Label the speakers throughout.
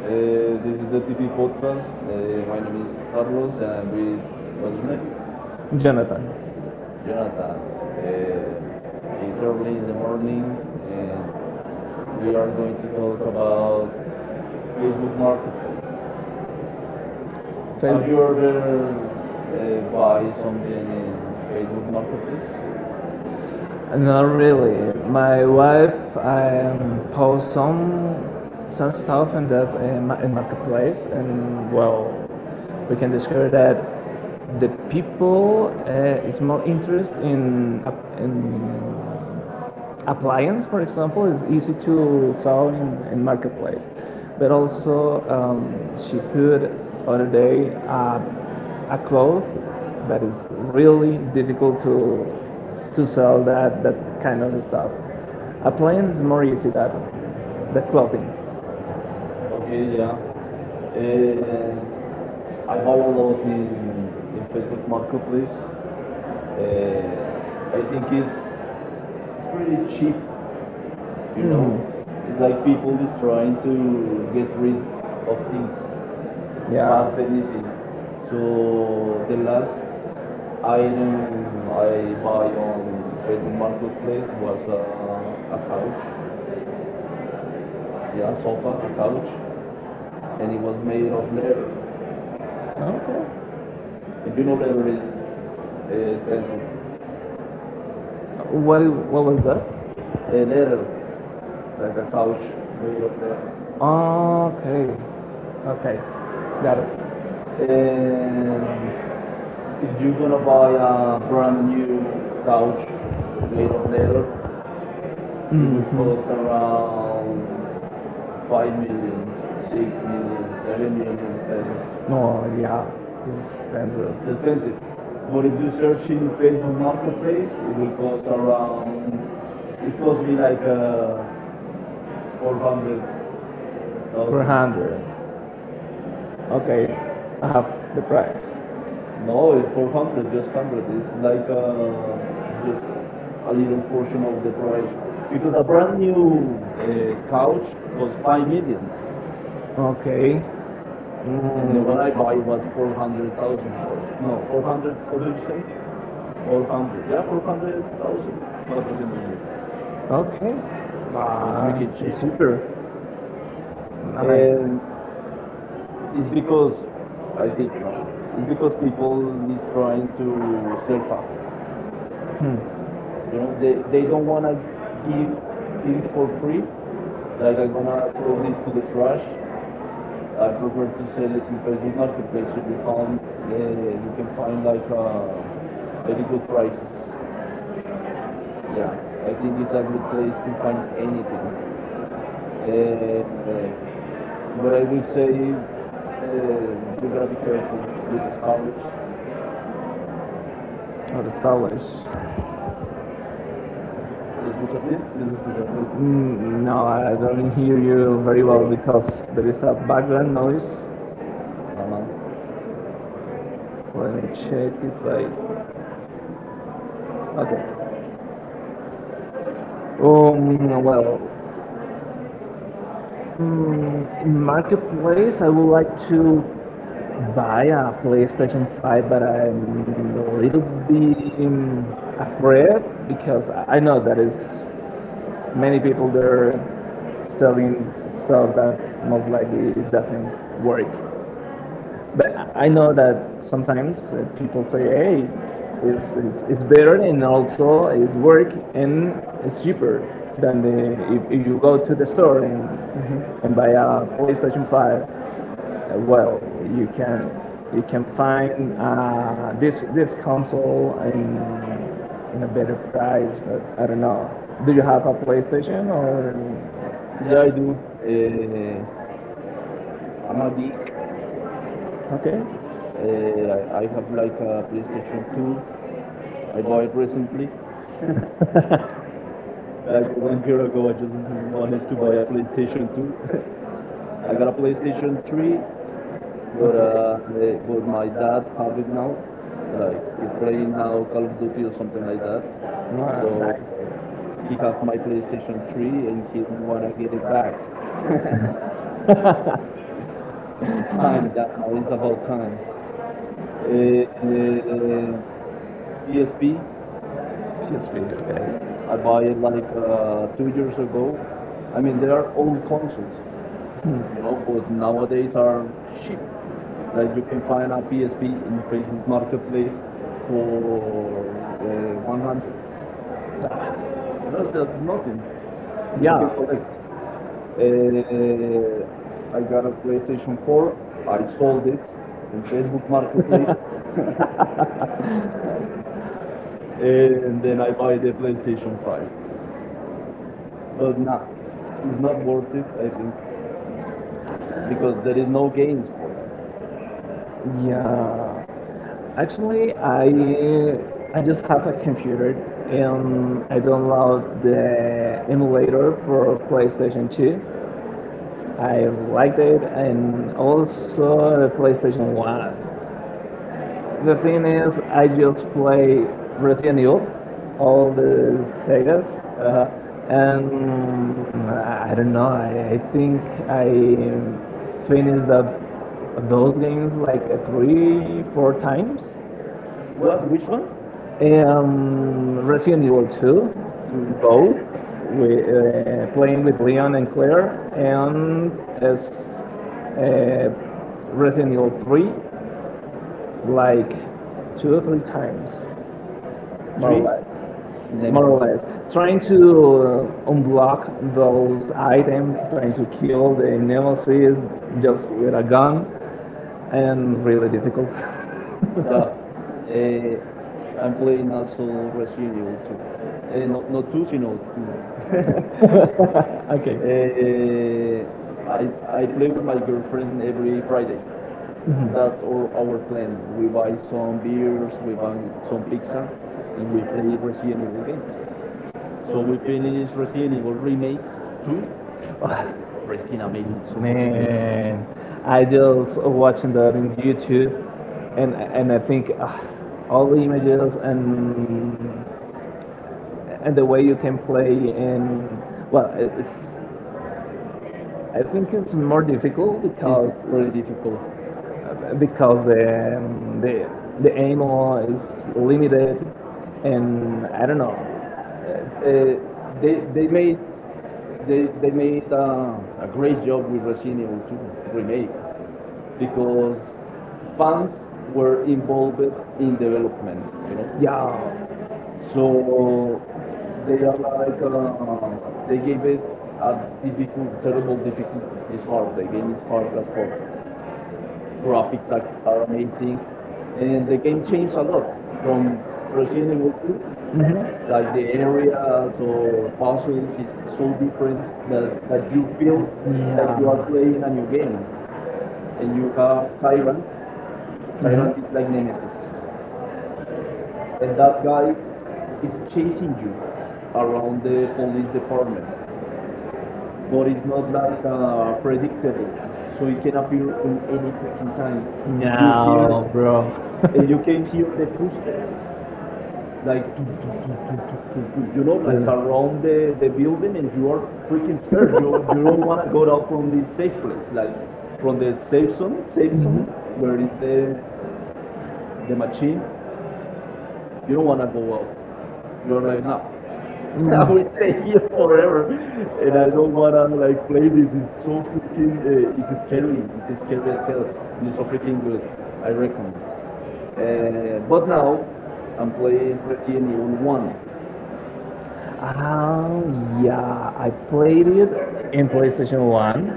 Speaker 1: This is the TP podcast. My name is Carlos, and I'm with what's your name?
Speaker 2: Jonathan. Jonathan. Uh, in the
Speaker 1: Jonathan. Uh, it's early in the
Speaker 2: morning
Speaker 1: morning, and
Speaker 2: and we
Speaker 1: we
Speaker 2: are
Speaker 1: are
Speaker 2: going
Speaker 1: going to
Speaker 2: to talk
Speaker 1: talk
Speaker 2: about
Speaker 1: about Facebook
Speaker 2: Facebook Marketplace.
Speaker 1: Marketplace.
Speaker 2: Have
Speaker 1: Have
Speaker 2: you
Speaker 1: you ever
Speaker 2: ever buy
Speaker 1: buy
Speaker 2: something
Speaker 1: something
Speaker 2: in
Speaker 1: in
Speaker 2: Facebook
Speaker 1: Facebook Marketplace?
Speaker 2: Marketplace? Not
Speaker 1: Not really.
Speaker 2: really. My
Speaker 1: My
Speaker 2: wife
Speaker 1: wife, I
Speaker 2: posts
Speaker 1: post on
Speaker 2: some some
Speaker 1: some
Speaker 2: stuff
Speaker 1: stuff
Speaker 2: in that
Speaker 1: that
Speaker 2: in,
Speaker 1: my
Speaker 2: in
Speaker 1: mom
Speaker 2: marketplace,
Speaker 1: makes.
Speaker 2: and
Speaker 1: Well,
Speaker 2: well, we
Speaker 1: we
Speaker 2: can
Speaker 1: can
Speaker 2: discover
Speaker 1: share
Speaker 2: that
Speaker 1: that
Speaker 2: the
Speaker 1: with people
Speaker 2: people
Speaker 1: that
Speaker 2: is
Speaker 1: is
Speaker 2: more
Speaker 1: not
Speaker 2: interested
Speaker 1: interested in
Speaker 2: in
Speaker 1: in applying.
Speaker 2: appliance, for
Speaker 1: For
Speaker 2: example,
Speaker 1: example,
Speaker 2: is
Speaker 1: it's these
Speaker 2: easy
Speaker 1: two
Speaker 2: to sell
Speaker 1: town
Speaker 2: in
Speaker 1: and nothing
Speaker 2: marketplace.
Speaker 1: else.
Speaker 2: But
Speaker 1: But also,
Speaker 2: also,
Speaker 1: um,
Speaker 2: she
Speaker 1: she do
Speaker 2: put
Speaker 1: it
Speaker 2: other day
Speaker 1: on
Speaker 2: a cloth
Speaker 1: so
Speaker 2: that is
Speaker 1: real
Speaker 2: really difficult to
Speaker 1: to
Speaker 2: sell
Speaker 1: serve.
Speaker 2: that kind of stuff. Appliance is more easy than the clothing.
Speaker 1: Okay,
Speaker 2: Okay, yeah.
Speaker 1: yeah. Uh,
Speaker 2: Uh,
Speaker 1: I
Speaker 2: I
Speaker 1: buy
Speaker 2: buy
Speaker 1: a
Speaker 2: a
Speaker 1: lot
Speaker 2: lot in,
Speaker 1: in
Speaker 2: in
Speaker 1: Facebook
Speaker 2: Facebook Marketplace.
Speaker 1: Marketplace.
Speaker 2: Uh,
Speaker 1: Uh,
Speaker 2: I
Speaker 1: I
Speaker 2: think
Speaker 1: think it's
Speaker 2: it's, it's
Speaker 1: still
Speaker 2: pretty cheap.
Speaker 1: cheap, you know. It's
Speaker 2: It's like
Speaker 1: like
Speaker 2: people
Speaker 1: people is
Speaker 2: is trying
Speaker 1: trying
Speaker 2: to
Speaker 1: to
Speaker 2: get
Speaker 1: get rid
Speaker 2: rid of
Speaker 1: of things
Speaker 2: things, yeah,
Speaker 1: fast
Speaker 2: fast and
Speaker 1: and
Speaker 2: easy.
Speaker 1: easy.
Speaker 2: So
Speaker 1: So the
Speaker 2: the last
Speaker 1: last
Speaker 2: item
Speaker 1: item
Speaker 2: I
Speaker 1: I buy
Speaker 2: buy
Speaker 1: on
Speaker 2: on the
Speaker 1: Facebook Marketplace
Speaker 2: marketplace
Speaker 1: was
Speaker 2: was
Speaker 1: a,
Speaker 2: a,
Speaker 1: a,
Speaker 2: a
Speaker 1: a couch,
Speaker 2: couch,
Speaker 1: yeah,
Speaker 2: yeah,
Speaker 1: a
Speaker 2: sofa,
Speaker 1: sofa, a
Speaker 2: a
Speaker 1: couch,
Speaker 2: couch, and
Speaker 1: and it
Speaker 2: it was
Speaker 1: was
Speaker 2: made
Speaker 1: made
Speaker 2: of
Speaker 1: of leather.
Speaker 2: leather. Okay.
Speaker 1: And
Speaker 2: And you
Speaker 1: you know,
Speaker 2: know
Speaker 1: leather
Speaker 2: leather
Speaker 1: is
Speaker 2: is
Speaker 1: expensive.
Speaker 2: expensive. What what was that? A
Speaker 1: A
Speaker 2: leather,
Speaker 1: ladder, like
Speaker 2: like
Speaker 1: a
Speaker 2: a couch
Speaker 1: couch
Speaker 2: made
Speaker 1: made of.
Speaker 2: of leather. Okay. Okay. Got it. And
Speaker 1: And
Speaker 2: if
Speaker 1: if you're
Speaker 2: you're
Speaker 1: gonna
Speaker 2: gonna buy
Speaker 1: buy
Speaker 2: a
Speaker 1: a brand
Speaker 2: brand new
Speaker 1: new
Speaker 2: couch,
Speaker 1: couch
Speaker 2: you
Speaker 1: made
Speaker 2: know,
Speaker 1: of
Speaker 2: there,
Speaker 1: leather, it
Speaker 2: mm-hmm, it
Speaker 1: will
Speaker 2: costs
Speaker 1: cost
Speaker 2: around
Speaker 1: around
Speaker 2: five
Speaker 1: five
Speaker 2: million,
Speaker 1: million,
Speaker 2: six
Speaker 1: six
Speaker 2: million,
Speaker 1: million,
Speaker 2: seven
Speaker 1: seven
Speaker 2: million,
Speaker 1: million
Speaker 2: expensive.
Speaker 1: pesos.
Speaker 2: 7 million. No, yeah, it's expensive.
Speaker 1: It's
Speaker 2: It's
Speaker 1: expensive.
Speaker 2: expensive. What
Speaker 1: But if you search in
Speaker 2: you
Speaker 1: Facebook Marketplace,
Speaker 2: marketplace, it will cost around,
Speaker 1: it
Speaker 2: it
Speaker 1: cost
Speaker 2: cost me
Speaker 1: me
Speaker 2: like
Speaker 1: like
Speaker 2: four
Speaker 1: 400,000.
Speaker 2: hundred. 400. Okay, I have the price.
Speaker 1: No,
Speaker 2: No, it's profound, it
Speaker 1: 400,
Speaker 2: won't
Speaker 1: just 100.
Speaker 2: hundred. It's
Speaker 1: It's
Speaker 2: like
Speaker 1: like
Speaker 2: just
Speaker 1: just
Speaker 2: a
Speaker 1: a
Speaker 2: little
Speaker 1: little
Speaker 2: portion
Speaker 1: portion
Speaker 2: of
Speaker 1: of
Speaker 2: the
Speaker 1: the
Speaker 2: price
Speaker 1: price.
Speaker 2: because
Speaker 1: Because
Speaker 2: a
Speaker 1: a brand
Speaker 2: brand
Speaker 1: new
Speaker 2: new house
Speaker 1: couch
Speaker 2: was
Speaker 1: costs
Speaker 2: five
Speaker 1: 5
Speaker 2: million.
Speaker 1: million,
Speaker 2: Okay.
Speaker 1: and the
Speaker 2: And what? Mm,
Speaker 1: one I
Speaker 2: I
Speaker 1: buy
Speaker 2: bought
Speaker 1: was 400,000.
Speaker 2: for no
Speaker 1: No,
Speaker 2: four
Speaker 1: 400, how
Speaker 2: hundred
Speaker 1: did you say?
Speaker 2: four
Speaker 1: 400.
Speaker 2: hundred
Speaker 1: Yeah,
Speaker 2: yeah four hundred
Speaker 1: 400,000.
Speaker 2: thousand
Speaker 1: 400.
Speaker 2: okay.
Speaker 1: So freaking
Speaker 2: Wow,
Speaker 1: cheap.
Speaker 2: it's cheaper. Nice.
Speaker 1: And
Speaker 2: And
Speaker 1: it's
Speaker 2: it's because
Speaker 1: because,
Speaker 2: I
Speaker 1: I
Speaker 2: think
Speaker 1: think,
Speaker 2: it's
Speaker 1: no? It's
Speaker 2: because
Speaker 1: because
Speaker 2: people
Speaker 1: people is
Speaker 2: destroy
Speaker 1: trying to sell fast.
Speaker 2: themselves. Hmm,
Speaker 1: You know, they don't want to give
Speaker 2: की
Speaker 1: things for free. Like
Speaker 2: अलग
Speaker 1: I'm gonna
Speaker 2: banana
Speaker 1: throw this to the
Speaker 2: चाहिए
Speaker 1: trash. I prefer to sell it in Facebook Marketplace, so uh, you can find like very good prices. Yeah, I think it's a good place to find anything. Uh, uh, but I will say you gotta be careful with the scammers.
Speaker 2: Ora, salas.
Speaker 1: ¿Se
Speaker 2: Thank
Speaker 1: escucha
Speaker 2: you.
Speaker 1: bien? Es que se escucha bien.
Speaker 2: Mm, no, I don't hear you very well because there is a background noise.
Speaker 1: Ajá.
Speaker 2: Let me check if I. Okay. Well, mm, in marketplace, I would like to buy a PlayStation 5, but I'm a little bit
Speaker 1: Right.
Speaker 2: afraid because I know that is many people there selling stuff that most likely doesn't work. But I know that sometimes people say, "Hey, it's better and also it's work and it's cheaper than the if you go to the store and buy
Speaker 1: like
Speaker 2: a
Speaker 1: uh,
Speaker 2: PlayStation Five." Well, you can you can find this
Speaker 1: uh,
Speaker 2: console in a better price, but I don't know. Do you have a PlayStation or
Speaker 1: Yeah, I do. Uh, I'm a geek.
Speaker 2: okay?
Speaker 1: I have like a PlayStation 2 I bought recently. Like 1 year ago, I just wanted to buy a PlayStation 2. I got a PlayStation 3, but my dad have it now. Like he's playing now Call of Duty or something like that.
Speaker 2: Wow,
Speaker 1: So
Speaker 2: nice.
Speaker 1: he have my PlayStation 3 and he don't wanna get it back. It's time that now. It's about time. Uh, uh, PSP,
Speaker 2: PSP, okay.
Speaker 1: I buy it like 2 years ago. I mean, they are old consoles, but nowadays are cheap. Like you can find a PSP in
Speaker 2: Hmm.
Speaker 1: Facebook Marketplace for 100. That's nothing, and you can
Speaker 2: Yeah.
Speaker 1: collect. Uh, I got a PlayStation 4. I sold it in Facebook Marketplace, and then I buy the PlayStation 5. But nah, it's not worth it. I think because there is no gains for that.
Speaker 2: Yeah. Actually, I just have a computer and I download the emulator for PlayStation 2. I liked it, and also the PlayStation 1. The thing is, I just play Resident Evil, all the Segas,
Speaker 1: (Uh huh)
Speaker 2: and I don't know, I think I finished up those games like three, four times.
Speaker 1: what Which one?
Speaker 2: Resident Evil 2,
Speaker 1: Two?
Speaker 2: both, we, playing with Leon and Claire, and as uh, Resident Evil 3, like two or three times, more
Speaker 1: Three?
Speaker 2: or less.
Speaker 1: Let me
Speaker 2: More or less, trying to
Speaker 1: see.
Speaker 2: unblock those items, trying to kill the nemesis
Speaker 1: Mhm.
Speaker 2: just with a gun, and really difficult.
Speaker 1: Yeah. Eh, I'm playing also Resident Evil 2. Not 2, sino 2.
Speaker 2: Okay.
Speaker 1: Eh, I, I play with my girlfriend every Friday.
Speaker 2: Hmm.
Speaker 1: That's our plan. We buy some beers, we buy some pizza, and we play Resident Evil games. So we finish Resident Evil Remake 2. That's freaking amazing. So fucking good.
Speaker 2: Man,
Speaker 1: I
Speaker 2: I
Speaker 1: didn't
Speaker 2: just
Speaker 1: watch
Speaker 2: watching that in
Speaker 1: the,
Speaker 2: YouTube, and
Speaker 1: and
Speaker 2: I
Speaker 1: I think
Speaker 2: think ah,
Speaker 1: all
Speaker 2: all the images
Speaker 1: the, and
Speaker 2: and
Speaker 1: the
Speaker 2: the
Speaker 1: way
Speaker 2: way you can
Speaker 1: people
Speaker 2: play
Speaker 1: play,
Speaker 2: in. Well,
Speaker 1: but
Speaker 2: it's
Speaker 1: it's
Speaker 2: I think it's more difficult because
Speaker 1: pretty difficult.
Speaker 2: uh, because
Speaker 1: Because
Speaker 2: the um, the the ammo is limited, and I don't know.
Speaker 1: Uh, they, they made they made a great job with Resident Evil 2 remake because fans were involved in development.
Speaker 2: Yeah,
Speaker 1: So they are like they gave it a difficult, terrible difficult. It's hard. The game is hard as fuck. Graphics are amazing,
Speaker 2: and
Speaker 1: and
Speaker 2: the
Speaker 1: the game
Speaker 2: pictures
Speaker 1: changed a lot
Speaker 2: are from
Speaker 1: from Resident
Speaker 2: Brazil.
Speaker 1: Evil 2,
Speaker 2: Mhm.
Speaker 1: like
Speaker 2: Like
Speaker 1: the
Speaker 2: the area of
Speaker 1: areas or puzzles.
Speaker 2: ostrich is
Speaker 1: It's so
Speaker 2: super,
Speaker 1: different
Speaker 2: the
Speaker 1: that you
Speaker 2: Egyptian,
Speaker 1: feel like you
Speaker 2: yeah,
Speaker 1: are playing a new
Speaker 2: okay?
Speaker 1: game, and
Speaker 2: And
Speaker 1: you
Speaker 2: you
Speaker 1: have
Speaker 2: have Thailand.
Speaker 1: tyrant. Tyrant is like
Speaker 2: Mhm.
Speaker 1: nemesis,
Speaker 2: And
Speaker 1: and that guy
Speaker 2: that
Speaker 1: is
Speaker 2: is
Speaker 1: chasing you around
Speaker 2: around
Speaker 1: the police
Speaker 2: the
Speaker 1: department,
Speaker 2: corner.
Speaker 1: but it's not
Speaker 2: So
Speaker 1: like
Speaker 2: like
Speaker 1: predictable, so it can
Speaker 2: so
Speaker 1: appear in any freaking time, and
Speaker 2: no, bro.
Speaker 1: you can hear the footsteps,
Speaker 2: Like
Speaker 1: like tum, tum, tum, tum, tum, tum, tum, like around
Speaker 2: mhm.
Speaker 1: the building, and you are freaking scared. You don't want to go out from this safe place, like from the safe zone where is the machine. You don't want to
Speaker 2: Well,
Speaker 1: go out. You are like, nah,
Speaker 2: like
Speaker 1: I
Speaker 2: no.
Speaker 1: will stay
Speaker 2: I
Speaker 1: here forever, and I don't want to like play
Speaker 2: really.
Speaker 1: this. It's so freaking, it's scary. It's scary as hell, and it's so freaking good. I recommend. But now I'm playing Resident Evil One.
Speaker 2: Oh, yeah. I played it in PlayStation 1.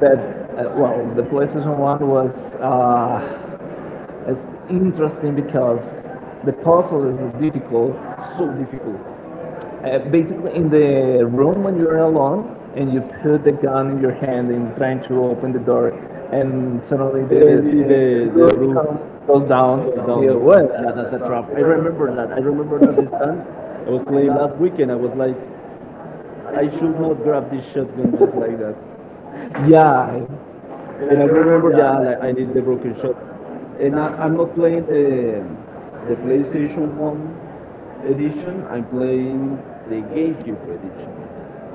Speaker 2: That, well, the PlayStation 1 was it's interesting because the puzzle is difficult.
Speaker 1: So difficult.
Speaker 2: Basically, in the room when you're alone and you put the gun in your hand and trying to open the door, and suddenly
Speaker 1: Then see
Speaker 2: the
Speaker 1: the
Speaker 2: roof
Speaker 1: roof
Speaker 2: come, goes down.
Speaker 1: goes down.
Speaker 2: You, what?
Speaker 1: Yeah, that's a trap. I remember that. I remember that this time. I was playing last weekend. I was like, I should not grab this shotgun just like that.
Speaker 2: Yeah. And
Speaker 1: And
Speaker 2: I
Speaker 1: I
Speaker 2: remember
Speaker 1: remember,
Speaker 2: that
Speaker 1: yeah, like,
Speaker 2: I
Speaker 1: I
Speaker 2: used
Speaker 1: need
Speaker 2: to
Speaker 1: the
Speaker 2: do it.
Speaker 1: broken shotgun.
Speaker 2: So, and
Speaker 1: And
Speaker 2: I,
Speaker 1: I,
Speaker 2: I'm
Speaker 1: I'm
Speaker 2: not
Speaker 1: not
Speaker 2: playing
Speaker 1: playing
Speaker 2: the,
Speaker 1: the
Speaker 2: the
Speaker 1: the
Speaker 2: PlayStation
Speaker 1: PlayStation
Speaker 2: 1
Speaker 1: One
Speaker 2: edition,
Speaker 1: edition.
Speaker 2: I'm
Speaker 1: I'm
Speaker 2: playing
Speaker 1: playing the
Speaker 2: the
Speaker 1: GameCube
Speaker 2: game.
Speaker 1: edition.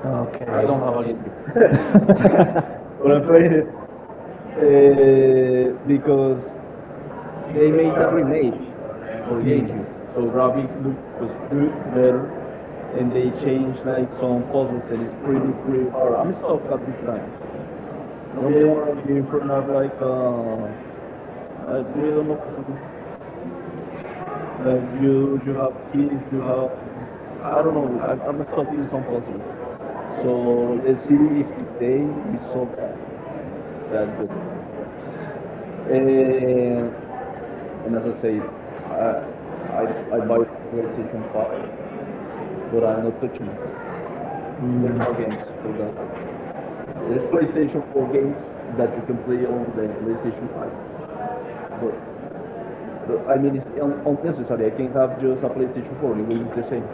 Speaker 2: I okay. I
Speaker 1: I
Speaker 2: don't
Speaker 1: don't have
Speaker 2: have
Speaker 1: a
Speaker 2: a game.
Speaker 1: GameCube,
Speaker 2: But
Speaker 1: but I
Speaker 2: I'm
Speaker 1: played it because
Speaker 2: playing, they
Speaker 1: they
Speaker 2: make
Speaker 1: made a
Speaker 2: a
Speaker 1: remake for
Speaker 2: hmm game,
Speaker 1: GameCube,
Speaker 2: so
Speaker 1: so
Speaker 2: graphics
Speaker 1: graphics look was good,
Speaker 2: is better,
Speaker 1: better,
Speaker 2: and
Speaker 1: and
Speaker 2: they
Speaker 1: they
Speaker 2: change
Speaker 1: changed
Speaker 2: the
Speaker 1: like some
Speaker 2: content,
Speaker 1: puzzles, and it's
Speaker 2: it's
Speaker 1: pretty
Speaker 2: pretty, pretty
Speaker 1: pretty
Speaker 2: hard.
Speaker 1: hard.
Speaker 2: I'm
Speaker 1: I'm
Speaker 2: stuck.
Speaker 1: stuck at this time.
Speaker 2: No
Speaker 1: Me and
Speaker 2: game.
Speaker 1: my girlfriend are like,
Speaker 2: I
Speaker 1: we don't know
Speaker 2: that
Speaker 1: what to do. Like you have keys, you have, I don't know. I'm stuck in some puzzles. So let's see if today we solve that. Yeah, it's good. Uh, and as I say, I, I I buy PlayStation 5, but I'm not touching it. There's no games for that. There's PlayStation 4 games that you can play on the PlayStation 5, but but I mean it's unnecessary. I can have just a PlayStation 4; it will look the same.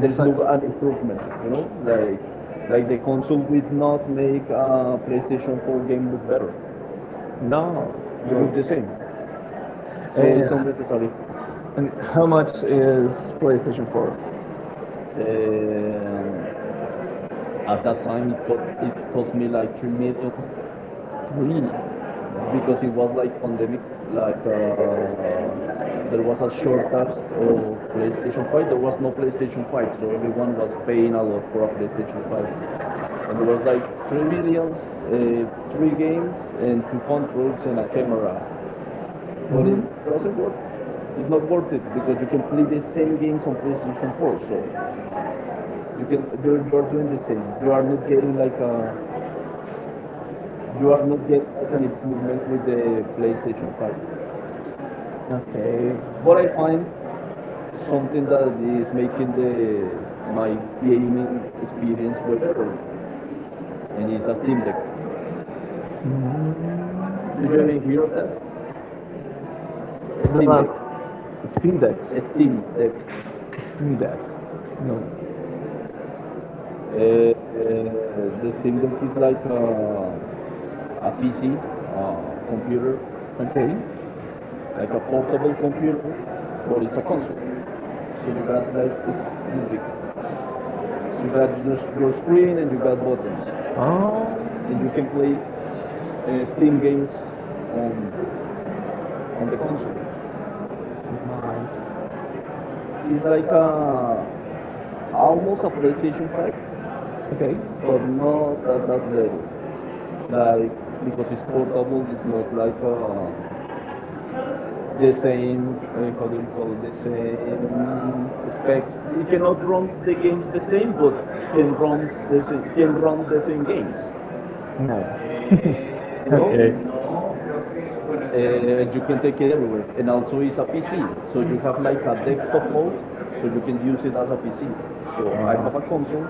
Speaker 1: There is no
Speaker 2: like,
Speaker 1: an improvement,
Speaker 2: like,
Speaker 1: like
Speaker 2: like,
Speaker 1: like the console will not make a PlayStation
Speaker 2: um,
Speaker 1: 4 game look better.
Speaker 2: no.
Speaker 1: It will look the same, so it's
Speaker 2: And,
Speaker 1: unnecessary.
Speaker 2: and how much is PlayStation 4?
Speaker 1: Eh, Um, At that time, it cost me like 3 million
Speaker 2: Three.
Speaker 1: because it was like pandemic, like there was a shortage of PlayStation 5. There was no PlayStation 5, so everyone was paying a lot for a PlayStation 5. And there was like three millions, uh, three games, and two controls and a camera. But it doesn't work. It's not worth it because you can play the same games on PlayStation 4. So you're doing the same. You are not getting an improvement with the PlayStation 5.
Speaker 2: Okay.
Speaker 1: But I find something that is making the my gaming experience way better, and it's a Steam Deck. Did you ever hear of that?
Speaker 2: Mm.
Speaker 1: A
Speaker 2: It's the
Speaker 1: Steam
Speaker 2: one.
Speaker 1: Deck.
Speaker 2: Steam Deck.
Speaker 1: A
Speaker 2: Steam
Speaker 1: Steam Deck.
Speaker 2: Deck. Steam Deck. No.
Speaker 1: The Steam Deck is like a PC, computer,
Speaker 2: Okay.
Speaker 1: like a portable computer, but it's a console. So you got like it's this big. So you got just your screen and you got buttons,
Speaker 2: Oh.
Speaker 1: and you can play Steam games on on the console.
Speaker 2: Nice.
Speaker 1: It's like a
Speaker 2: uh,
Speaker 1: almost a PlayStation 5,
Speaker 2: Okay.
Speaker 1: but
Speaker 2: So
Speaker 1: not at that level. Like because it's
Speaker 2: no, uh,
Speaker 1: portable, it's not like the
Speaker 2: no,
Speaker 1: same how do you call it, the same
Speaker 2: uh,
Speaker 1: specs. It
Speaker 2: you cannot
Speaker 1: cannot run the games the same, but can run the same games.
Speaker 2: no.
Speaker 1: You know,
Speaker 2: Okay.
Speaker 1: You can take it everywhere, and also it's a PC, so you have like a desktop mode, so you can use it as a PC. So I have a
Speaker 2: Alright.
Speaker 1: console,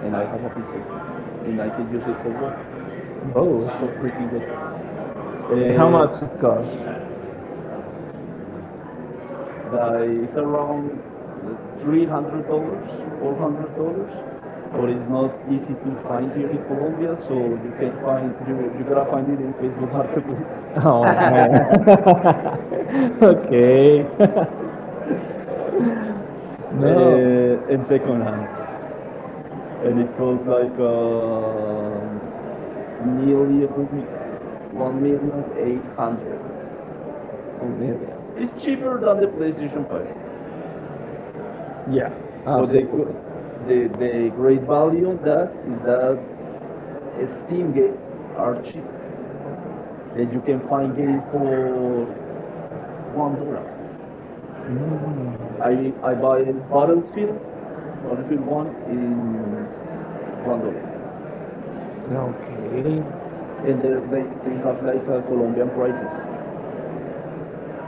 Speaker 1: and I have a PC, and I can use it for work.
Speaker 2: Both.
Speaker 1: So freaking good.
Speaker 2: And how
Speaker 1: Uh,
Speaker 2: much it costs?
Speaker 1: like, it's around $300, $400, but it's not
Speaker 2: So
Speaker 1: easy to find here in Colombia.
Speaker 2: so
Speaker 1: So you gotta find it in Facebook Marketplace
Speaker 2: oh man. Okay. No.
Speaker 1: and second hand, and it costs like, million, one million eight hundred.
Speaker 2: Oh man.
Speaker 1: It's cheaper than the PlayStation 5,
Speaker 2: Yeah.
Speaker 1: but the
Speaker 2: Absolutely.
Speaker 1: the the great value on that is that Steam games are cheap. That you can find games for $1.
Speaker 2: Mm.
Speaker 1: I
Speaker 2: Okay.
Speaker 1: I buy Battlefield, Battlefield One in $1,
Speaker 2: So you,
Speaker 1: and they they
Speaker 2: so
Speaker 1: they have like a Colombian prices.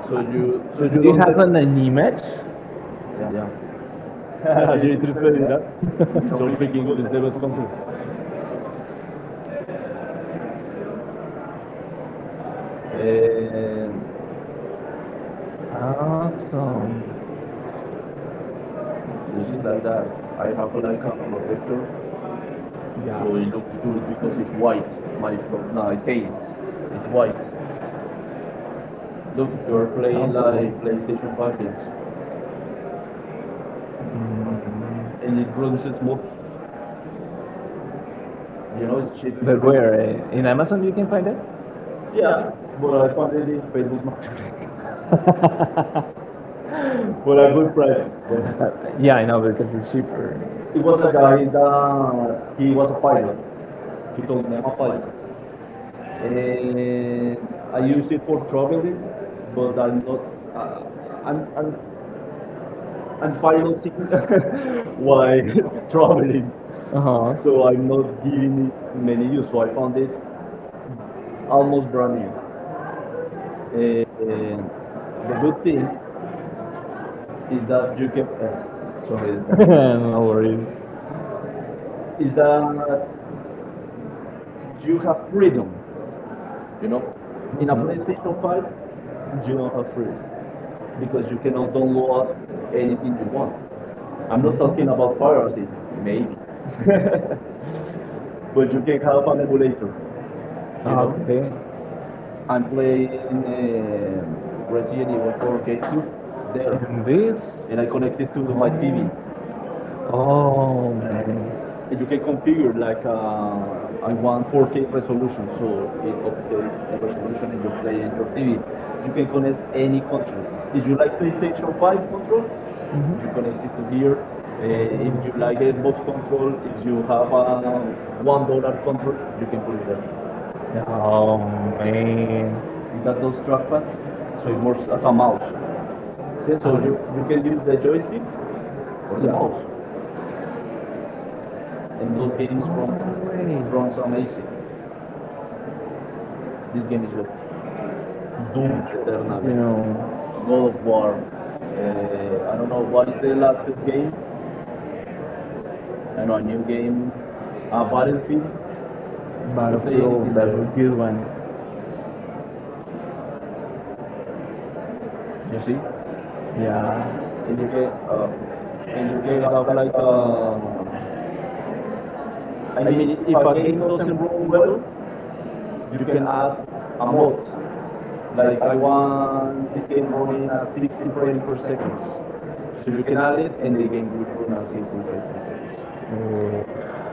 Speaker 2: you
Speaker 1: So you
Speaker 2: Do you
Speaker 1: don't.
Speaker 2: don't have
Speaker 1: Dep-
Speaker 2: an image?
Speaker 1: Yeah,
Speaker 2: Yeah.
Speaker 1: are
Speaker 2: J'ai
Speaker 1: you
Speaker 2: été le seul,
Speaker 1: interested
Speaker 2: les
Speaker 1: in
Speaker 2: gars.
Speaker 1: that? It's
Speaker 2: Ils ont
Speaker 1: so
Speaker 2: pris
Speaker 1: freaking
Speaker 2: quelque
Speaker 1: good.
Speaker 2: chose
Speaker 1: It's the best console.
Speaker 2: de très. Et,
Speaker 1: And
Speaker 2: awesome.
Speaker 1: you
Speaker 2: It's
Speaker 1: see,
Speaker 2: just
Speaker 1: it's like
Speaker 2: like that. I
Speaker 1: I
Speaker 2: have
Speaker 1: have
Speaker 2: a like
Speaker 1: like
Speaker 2: a
Speaker 1: a
Speaker 2: protector.
Speaker 1: protector,
Speaker 2: Yeah. So
Speaker 1: so
Speaker 2: it
Speaker 1: it
Speaker 2: looks
Speaker 1: looks
Speaker 2: good
Speaker 1: good
Speaker 2: because
Speaker 1: because it's
Speaker 2: it's white.
Speaker 1: white.
Speaker 2: My,
Speaker 1: My pro- no, my
Speaker 2: my face
Speaker 1: case is
Speaker 2: is
Speaker 1: white.
Speaker 2: white.
Speaker 1: Look,
Speaker 2: Look,
Speaker 1: you're
Speaker 2: you're
Speaker 1: playing
Speaker 2: playing
Speaker 1: like
Speaker 2: like
Speaker 1: PlayStation
Speaker 2: PlayStation
Speaker 1: 5
Speaker 2: 5
Speaker 1: games,
Speaker 2: games. Mm.
Speaker 1: and
Speaker 2: And
Speaker 1: it
Speaker 2: it
Speaker 1: runs
Speaker 2: runs
Speaker 1: smooth.
Speaker 2: smooth.
Speaker 1: You know,
Speaker 2: You know,
Speaker 1: it's
Speaker 2: it's
Speaker 1: cheap.
Speaker 2: cheap. But where? In Amazon you can find it?
Speaker 1: Yeah,
Speaker 2: Yeah,
Speaker 1: but
Speaker 2: but
Speaker 1: I
Speaker 2: I
Speaker 1: found
Speaker 2: find
Speaker 1: it
Speaker 2: it
Speaker 1: in
Speaker 2: in
Speaker 1: Facebook
Speaker 2: PlayStation five.
Speaker 1: Marketplace for
Speaker 2: But
Speaker 1: a
Speaker 2: I
Speaker 1: good
Speaker 2: would try
Speaker 1: price.
Speaker 2: it.
Speaker 1: Buenas.
Speaker 2: Yeah, I know because it's cheaper.
Speaker 1: It
Speaker 2: It
Speaker 1: was
Speaker 2: was
Speaker 1: a
Speaker 2: a guy
Speaker 1: guy
Speaker 2: that
Speaker 1: that he was
Speaker 2: was
Speaker 1: a
Speaker 2: a
Speaker 1: pilot.
Speaker 2: pilot.
Speaker 1: He
Speaker 2: He
Speaker 1: told
Speaker 2: told
Speaker 1: me
Speaker 2: me
Speaker 1: I'm
Speaker 2: I'm
Speaker 1: a
Speaker 2: a
Speaker 1: pilot.
Speaker 2: pilot. And
Speaker 1: And I
Speaker 2: I
Speaker 1: use
Speaker 2: used
Speaker 1: it for
Speaker 2: for traveling,
Speaker 1: traveling, but
Speaker 2: but I'm,
Speaker 1: I'm not. I, I'm,
Speaker 2: I'm,
Speaker 1: I'm
Speaker 2: I'm,
Speaker 1: I'm
Speaker 2: I'm pilot.
Speaker 1: piloting
Speaker 2: Why?
Speaker 1: while
Speaker 2: Traveling.
Speaker 1: traveling,
Speaker 2: Uh huh.
Speaker 1: so
Speaker 2: So
Speaker 1: I'm not giving it
Speaker 2: like
Speaker 1: many use. So I found it almost brand new. And the good thing is that you can. Sorry,
Speaker 2: sorry
Speaker 1: the time
Speaker 2: no worries.
Speaker 1: is
Speaker 2: Is that
Speaker 1: that you
Speaker 2: you
Speaker 1: have
Speaker 2: have freedom,
Speaker 1: freedom. You
Speaker 2: you know,
Speaker 1: know, in
Speaker 2: in
Speaker 1: a
Speaker 2: a PlayStation
Speaker 1: PlayStation Five,
Speaker 2: 5 you
Speaker 1: you
Speaker 2: don't
Speaker 1: don't
Speaker 2: have
Speaker 1: have freedom
Speaker 2: freedom because
Speaker 1: because you
Speaker 2: you cannot
Speaker 1: cannot download
Speaker 2: download
Speaker 1: anything
Speaker 2: anything
Speaker 1: you
Speaker 2: you
Speaker 1: want.
Speaker 2: want.
Speaker 1: I'm
Speaker 2: I'm
Speaker 1: not
Speaker 2: not
Speaker 1: talking
Speaker 2: talking
Speaker 1: about
Speaker 2: about piracy,
Speaker 1: piracy,
Speaker 2: maybe,
Speaker 1: maybe,
Speaker 2: but
Speaker 1: but
Speaker 2: you
Speaker 1: you
Speaker 2: can
Speaker 1: can have
Speaker 2: have an
Speaker 1: an
Speaker 2: emulator.
Speaker 1: emulator, you know.
Speaker 2: Okay.
Speaker 1: I'm
Speaker 2: And
Speaker 1: playing Resident
Speaker 2: Resident
Speaker 1: Evil 4
Speaker 2: Evil
Speaker 1: GameCube there,
Speaker 2: this
Speaker 1: and
Speaker 2: and
Speaker 1: I
Speaker 2: I
Speaker 1: connect
Speaker 2: connected
Speaker 1: it
Speaker 2: to
Speaker 1: to
Speaker 2: my
Speaker 1: my
Speaker 2: TV.
Speaker 1: TV.
Speaker 2: Oh man.
Speaker 1: And you can configure
Speaker 2: Like
Speaker 1: like
Speaker 2: I
Speaker 1: I
Speaker 2: want
Speaker 1: want
Speaker 2: 14
Speaker 1: 4K
Speaker 2: resolution,
Speaker 1: resolution,
Speaker 2: so
Speaker 1: so
Speaker 2: the,
Speaker 1: it
Speaker 2: the,
Speaker 1: upscales
Speaker 2: the
Speaker 1: the
Speaker 2: resolution
Speaker 1: resolution and you
Speaker 2: is the
Speaker 1: play
Speaker 2: end
Speaker 1: in your
Speaker 2: of TV.
Speaker 1: TV.
Speaker 2: You
Speaker 1: You
Speaker 2: can
Speaker 1: can
Speaker 2: connect
Speaker 1: connect
Speaker 2: any
Speaker 1: any
Speaker 2: connection.
Speaker 1: control.
Speaker 2: If
Speaker 1: If
Speaker 2: you
Speaker 1: you
Speaker 2: like
Speaker 1: like
Speaker 2: PlayStation
Speaker 1: PlayStation 5
Speaker 2: 5 control,
Speaker 1: controls,
Speaker 2: mm-hmm,
Speaker 1: you
Speaker 2: you connect
Speaker 1: connect it
Speaker 2: to
Speaker 1: to
Speaker 2: here.
Speaker 1: here.
Speaker 2: If
Speaker 1: If you
Speaker 2: you like
Speaker 1: like
Speaker 2: Xbox
Speaker 1: Xbox
Speaker 2: control,
Speaker 1: control, if
Speaker 2: if you
Speaker 1: you have
Speaker 2: have a
Speaker 1: a
Speaker 2: one
Speaker 1: one
Speaker 2: dollar
Speaker 1: dollar
Speaker 2: control,
Speaker 1: control,
Speaker 2: you
Speaker 1: you can
Speaker 2: can
Speaker 1: put
Speaker 2: put
Speaker 1: it
Speaker 2: it
Speaker 1: there.
Speaker 2: there. Oh man.
Speaker 1: It
Speaker 2: You
Speaker 1: got
Speaker 2: got
Speaker 1: those
Speaker 2: those strong
Speaker 1: trackpads,
Speaker 2: hands,
Speaker 1: so
Speaker 2: so
Speaker 1: it
Speaker 2: it works
Speaker 1: works
Speaker 2: as
Speaker 1: as
Speaker 2: a
Speaker 1: a mouse.
Speaker 2: mouse. See,
Speaker 1: So
Speaker 2: so
Speaker 1: you
Speaker 2: you
Speaker 1: can
Speaker 2: can
Speaker 1: use
Speaker 2: use the
Speaker 1: the
Speaker 2: joystick as
Speaker 1: joystick
Speaker 2: a,
Speaker 1: or the
Speaker 2: yeah,
Speaker 1: mouse,
Speaker 2: mouse.
Speaker 1: and those
Speaker 2: Don't beat him.
Speaker 1: runs
Speaker 2: Some ace.
Speaker 1: amazing. This
Speaker 2: This game
Speaker 1: game is good.
Speaker 2: here. Do
Speaker 1: Doom
Speaker 2: it sure that
Speaker 1: Eternal,
Speaker 2: number. You know, no
Speaker 1: God of War.
Speaker 2: farm. And
Speaker 1: Uh,
Speaker 2: I don't
Speaker 1: no,
Speaker 2: know what
Speaker 1: what's
Speaker 2: is
Speaker 1: the
Speaker 2: their
Speaker 1: last
Speaker 2: last
Speaker 1: game?
Speaker 2: game.
Speaker 1: I
Speaker 2: I
Speaker 1: know
Speaker 2: know I
Speaker 1: a new
Speaker 2: knew.
Speaker 1: game, a
Speaker 2: Battlefield.
Speaker 1: Battlefield. You can play
Speaker 2: Battlefield,
Speaker 1: anything
Speaker 2: that's
Speaker 1: there.
Speaker 2: a good one. You
Speaker 1: You see,
Speaker 2: see? Yeah. And
Speaker 1: and
Speaker 2: you get uh, and you
Speaker 1: you can
Speaker 2: get
Speaker 1: have
Speaker 2: up like
Speaker 1: like a. I
Speaker 2: I mean
Speaker 1: mean,
Speaker 2: if
Speaker 1: if
Speaker 2: a
Speaker 1: a
Speaker 2: game
Speaker 1: game doesn't
Speaker 2: doesn't
Speaker 1: run
Speaker 2: run
Speaker 1: well,
Speaker 2: well you
Speaker 1: you
Speaker 2: can
Speaker 1: can
Speaker 2: add
Speaker 1: add
Speaker 2: a
Speaker 1: a
Speaker 2: mod.
Speaker 1: mod.
Speaker 2: Like
Speaker 1: Like
Speaker 2: I
Speaker 1: I
Speaker 2: won
Speaker 1: want
Speaker 2: this
Speaker 1: this
Speaker 2: game
Speaker 1: game
Speaker 2: running
Speaker 1: running
Speaker 2: at
Speaker 1: at
Speaker 2: 60
Speaker 1: 60
Speaker 2: frames
Speaker 1: frames
Speaker 2: per
Speaker 1: per
Speaker 2: second.
Speaker 1: second.
Speaker 2: So
Speaker 1: So
Speaker 2: you
Speaker 1: you
Speaker 2: can
Speaker 1: can
Speaker 2: add
Speaker 1: add
Speaker 2: it
Speaker 1: it
Speaker 2: and
Speaker 1: and
Speaker 2: they
Speaker 1: the
Speaker 2: gave
Speaker 1: game
Speaker 2: you
Speaker 1: will run
Speaker 2: at
Speaker 1: at
Speaker 2: 60
Speaker 1: 60
Speaker 2: frames
Speaker 1: frames
Speaker 2: per
Speaker 1: per second.
Speaker 2: second. Mm.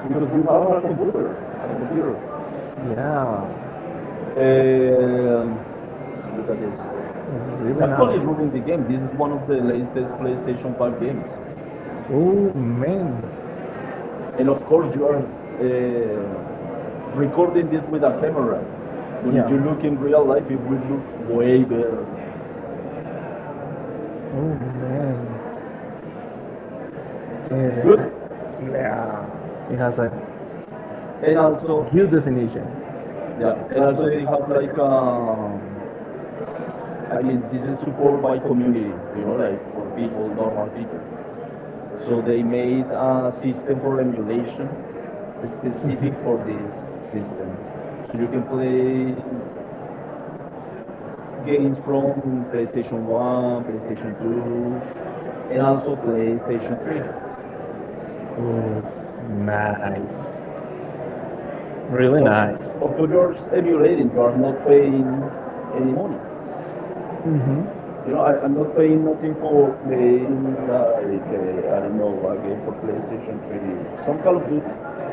Speaker 2: Because
Speaker 1: Because
Speaker 2: you
Speaker 1: you have
Speaker 2: have a
Speaker 1: a
Speaker 2: computer, a computer.
Speaker 1: computer.
Speaker 2: Yeah, and,
Speaker 1: Um Look
Speaker 2: look it's
Speaker 1: at this.
Speaker 2: It's
Speaker 1: It's
Speaker 2: really nice. Not
Speaker 1: actually
Speaker 2: only
Speaker 1: running
Speaker 2: nice.
Speaker 1: the
Speaker 2: The game,
Speaker 1: game. This is
Speaker 2: it's one
Speaker 1: one
Speaker 2: of
Speaker 1: of the
Speaker 2: the latest
Speaker 1: latest PlayStation
Speaker 2: PlayStation 5
Speaker 1: 5
Speaker 2: games.
Speaker 1: games.
Speaker 2: Oh man, and
Speaker 1: And
Speaker 2: of
Speaker 1: of
Speaker 2: course,
Speaker 1: course
Speaker 2: you
Speaker 1: you
Speaker 2: are
Speaker 1: are uh,
Speaker 2: recording
Speaker 1: recording
Speaker 2: this
Speaker 1: this
Speaker 2: with
Speaker 1: with
Speaker 2: a
Speaker 1: a
Speaker 2: camera.
Speaker 1: camera.
Speaker 2: So
Speaker 1: But
Speaker 2: yeah.
Speaker 1: if you look
Speaker 2: You
Speaker 1: in
Speaker 2: real
Speaker 1: real
Speaker 2: life
Speaker 1: life, it will look
Speaker 2: way
Speaker 1: way better.
Speaker 2: better. Oh man. And
Speaker 1: Good.
Speaker 2: good. Yeah. It has a and
Speaker 1: And
Speaker 2: also,
Speaker 1: also,
Speaker 2: good definition.
Speaker 1: yeah,
Speaker 2: Yeah, and
Speaker 1: and
Speaker 2: also
Speaker 1: also
Speaker 2: they
Speaker 1: they have
Speaker 2: have like,
Speaker 1: like
Speaker 2: I
Speaker 1: I
Speaker 2: mean,
Speaker 1: mean,
Speaker 2: this
Speaker 1: this
Speaker 2: is
Speaker 1: is
Speaker 2: support
Speaker 1: support
Speaker 2: by
Speaker 1: by
Speaker 2: community,
Speaker 1: community,
Speaker 2: you
Speaker 1: you know,
Speaker 2: know, like
Speaker 1: like
Speaker 2: for
Speaker 1: for
Speaker 2: people,
Speaker 1: people,
Speaker 2: normal
Speaker 1: normal
Speaker 2: people.
Speaker 1: people.
Speaker 2: So
Speaker 1: So
Speaker 2: they
Speaker 1: they
Speaker 2: made
Speaker 1: made
Speaker 2: a
Speaker 1: a
Speaker 2: system
Speaker 1: system
Speaker 2: for
Speaker 1: for
Speaker 2: emulation
Speaker 1: emulation
Speaker 2: specific
Speaker 1: specific
Speaker 2: for
Speaker 1: for
Speaker 2: this
Speaker 1: this
Speaker 2: system.
Speaker 1: system.
Speaker 2: So
Speaker 1: So
Speaker 2: you
Speaker 1: you
Speaker 2: can
Speaker 1: can
Speaker 2: play
Speaker 1: play
Speaker 2: games
Speaker 1: games
Speaker 2: from
Speaker 1: from
Speaker 2: PlayStation
Speaker 1: PlayStation
Speaker 2: 1,
Speaker 1: 1,
Speaker 2: PlayStation
Speaker 1: PlayStation
Speaker 2: 2,
Speaker 1: 2,
Speaker 2: and
Speaker 1: and
Speaker 2: also
Speaker 1: also
Speaker 2: play PlayStation
Speaker 1: PlayStation 3.
Speaker 2: 3. Ooh, nice. Really
Speaker 1: Of,
Speaker 2: nice.
Speaker 1: of
Speaker 2: Of
Speaker 1: course,
Speaker 2: course,
Speaker 1: you're emulating, you are
Speaker 2: Broadmoor
Speaker 1: not paying any
Speaker 2: anymore.
Speaker 1: money.
Speaker 2: Mm-hmm. You
Speaker 1: You know,
Speaker 2: know, I've been
Speaker 1: I'm not
Speaker 2: looking
Speaker 1: paying nothing for
Speaker 2: for uh,
Speaker 1: playing,
Speaker 2: I,
Speaker 1: I
Speaker 2: I
Speaker 1: don't
Speaker 2: know
Speaker 1: know, a game for PlayStation 3, some
Speaker 2: some
Speaker 1: Call of Duty.
Speaker 2: company.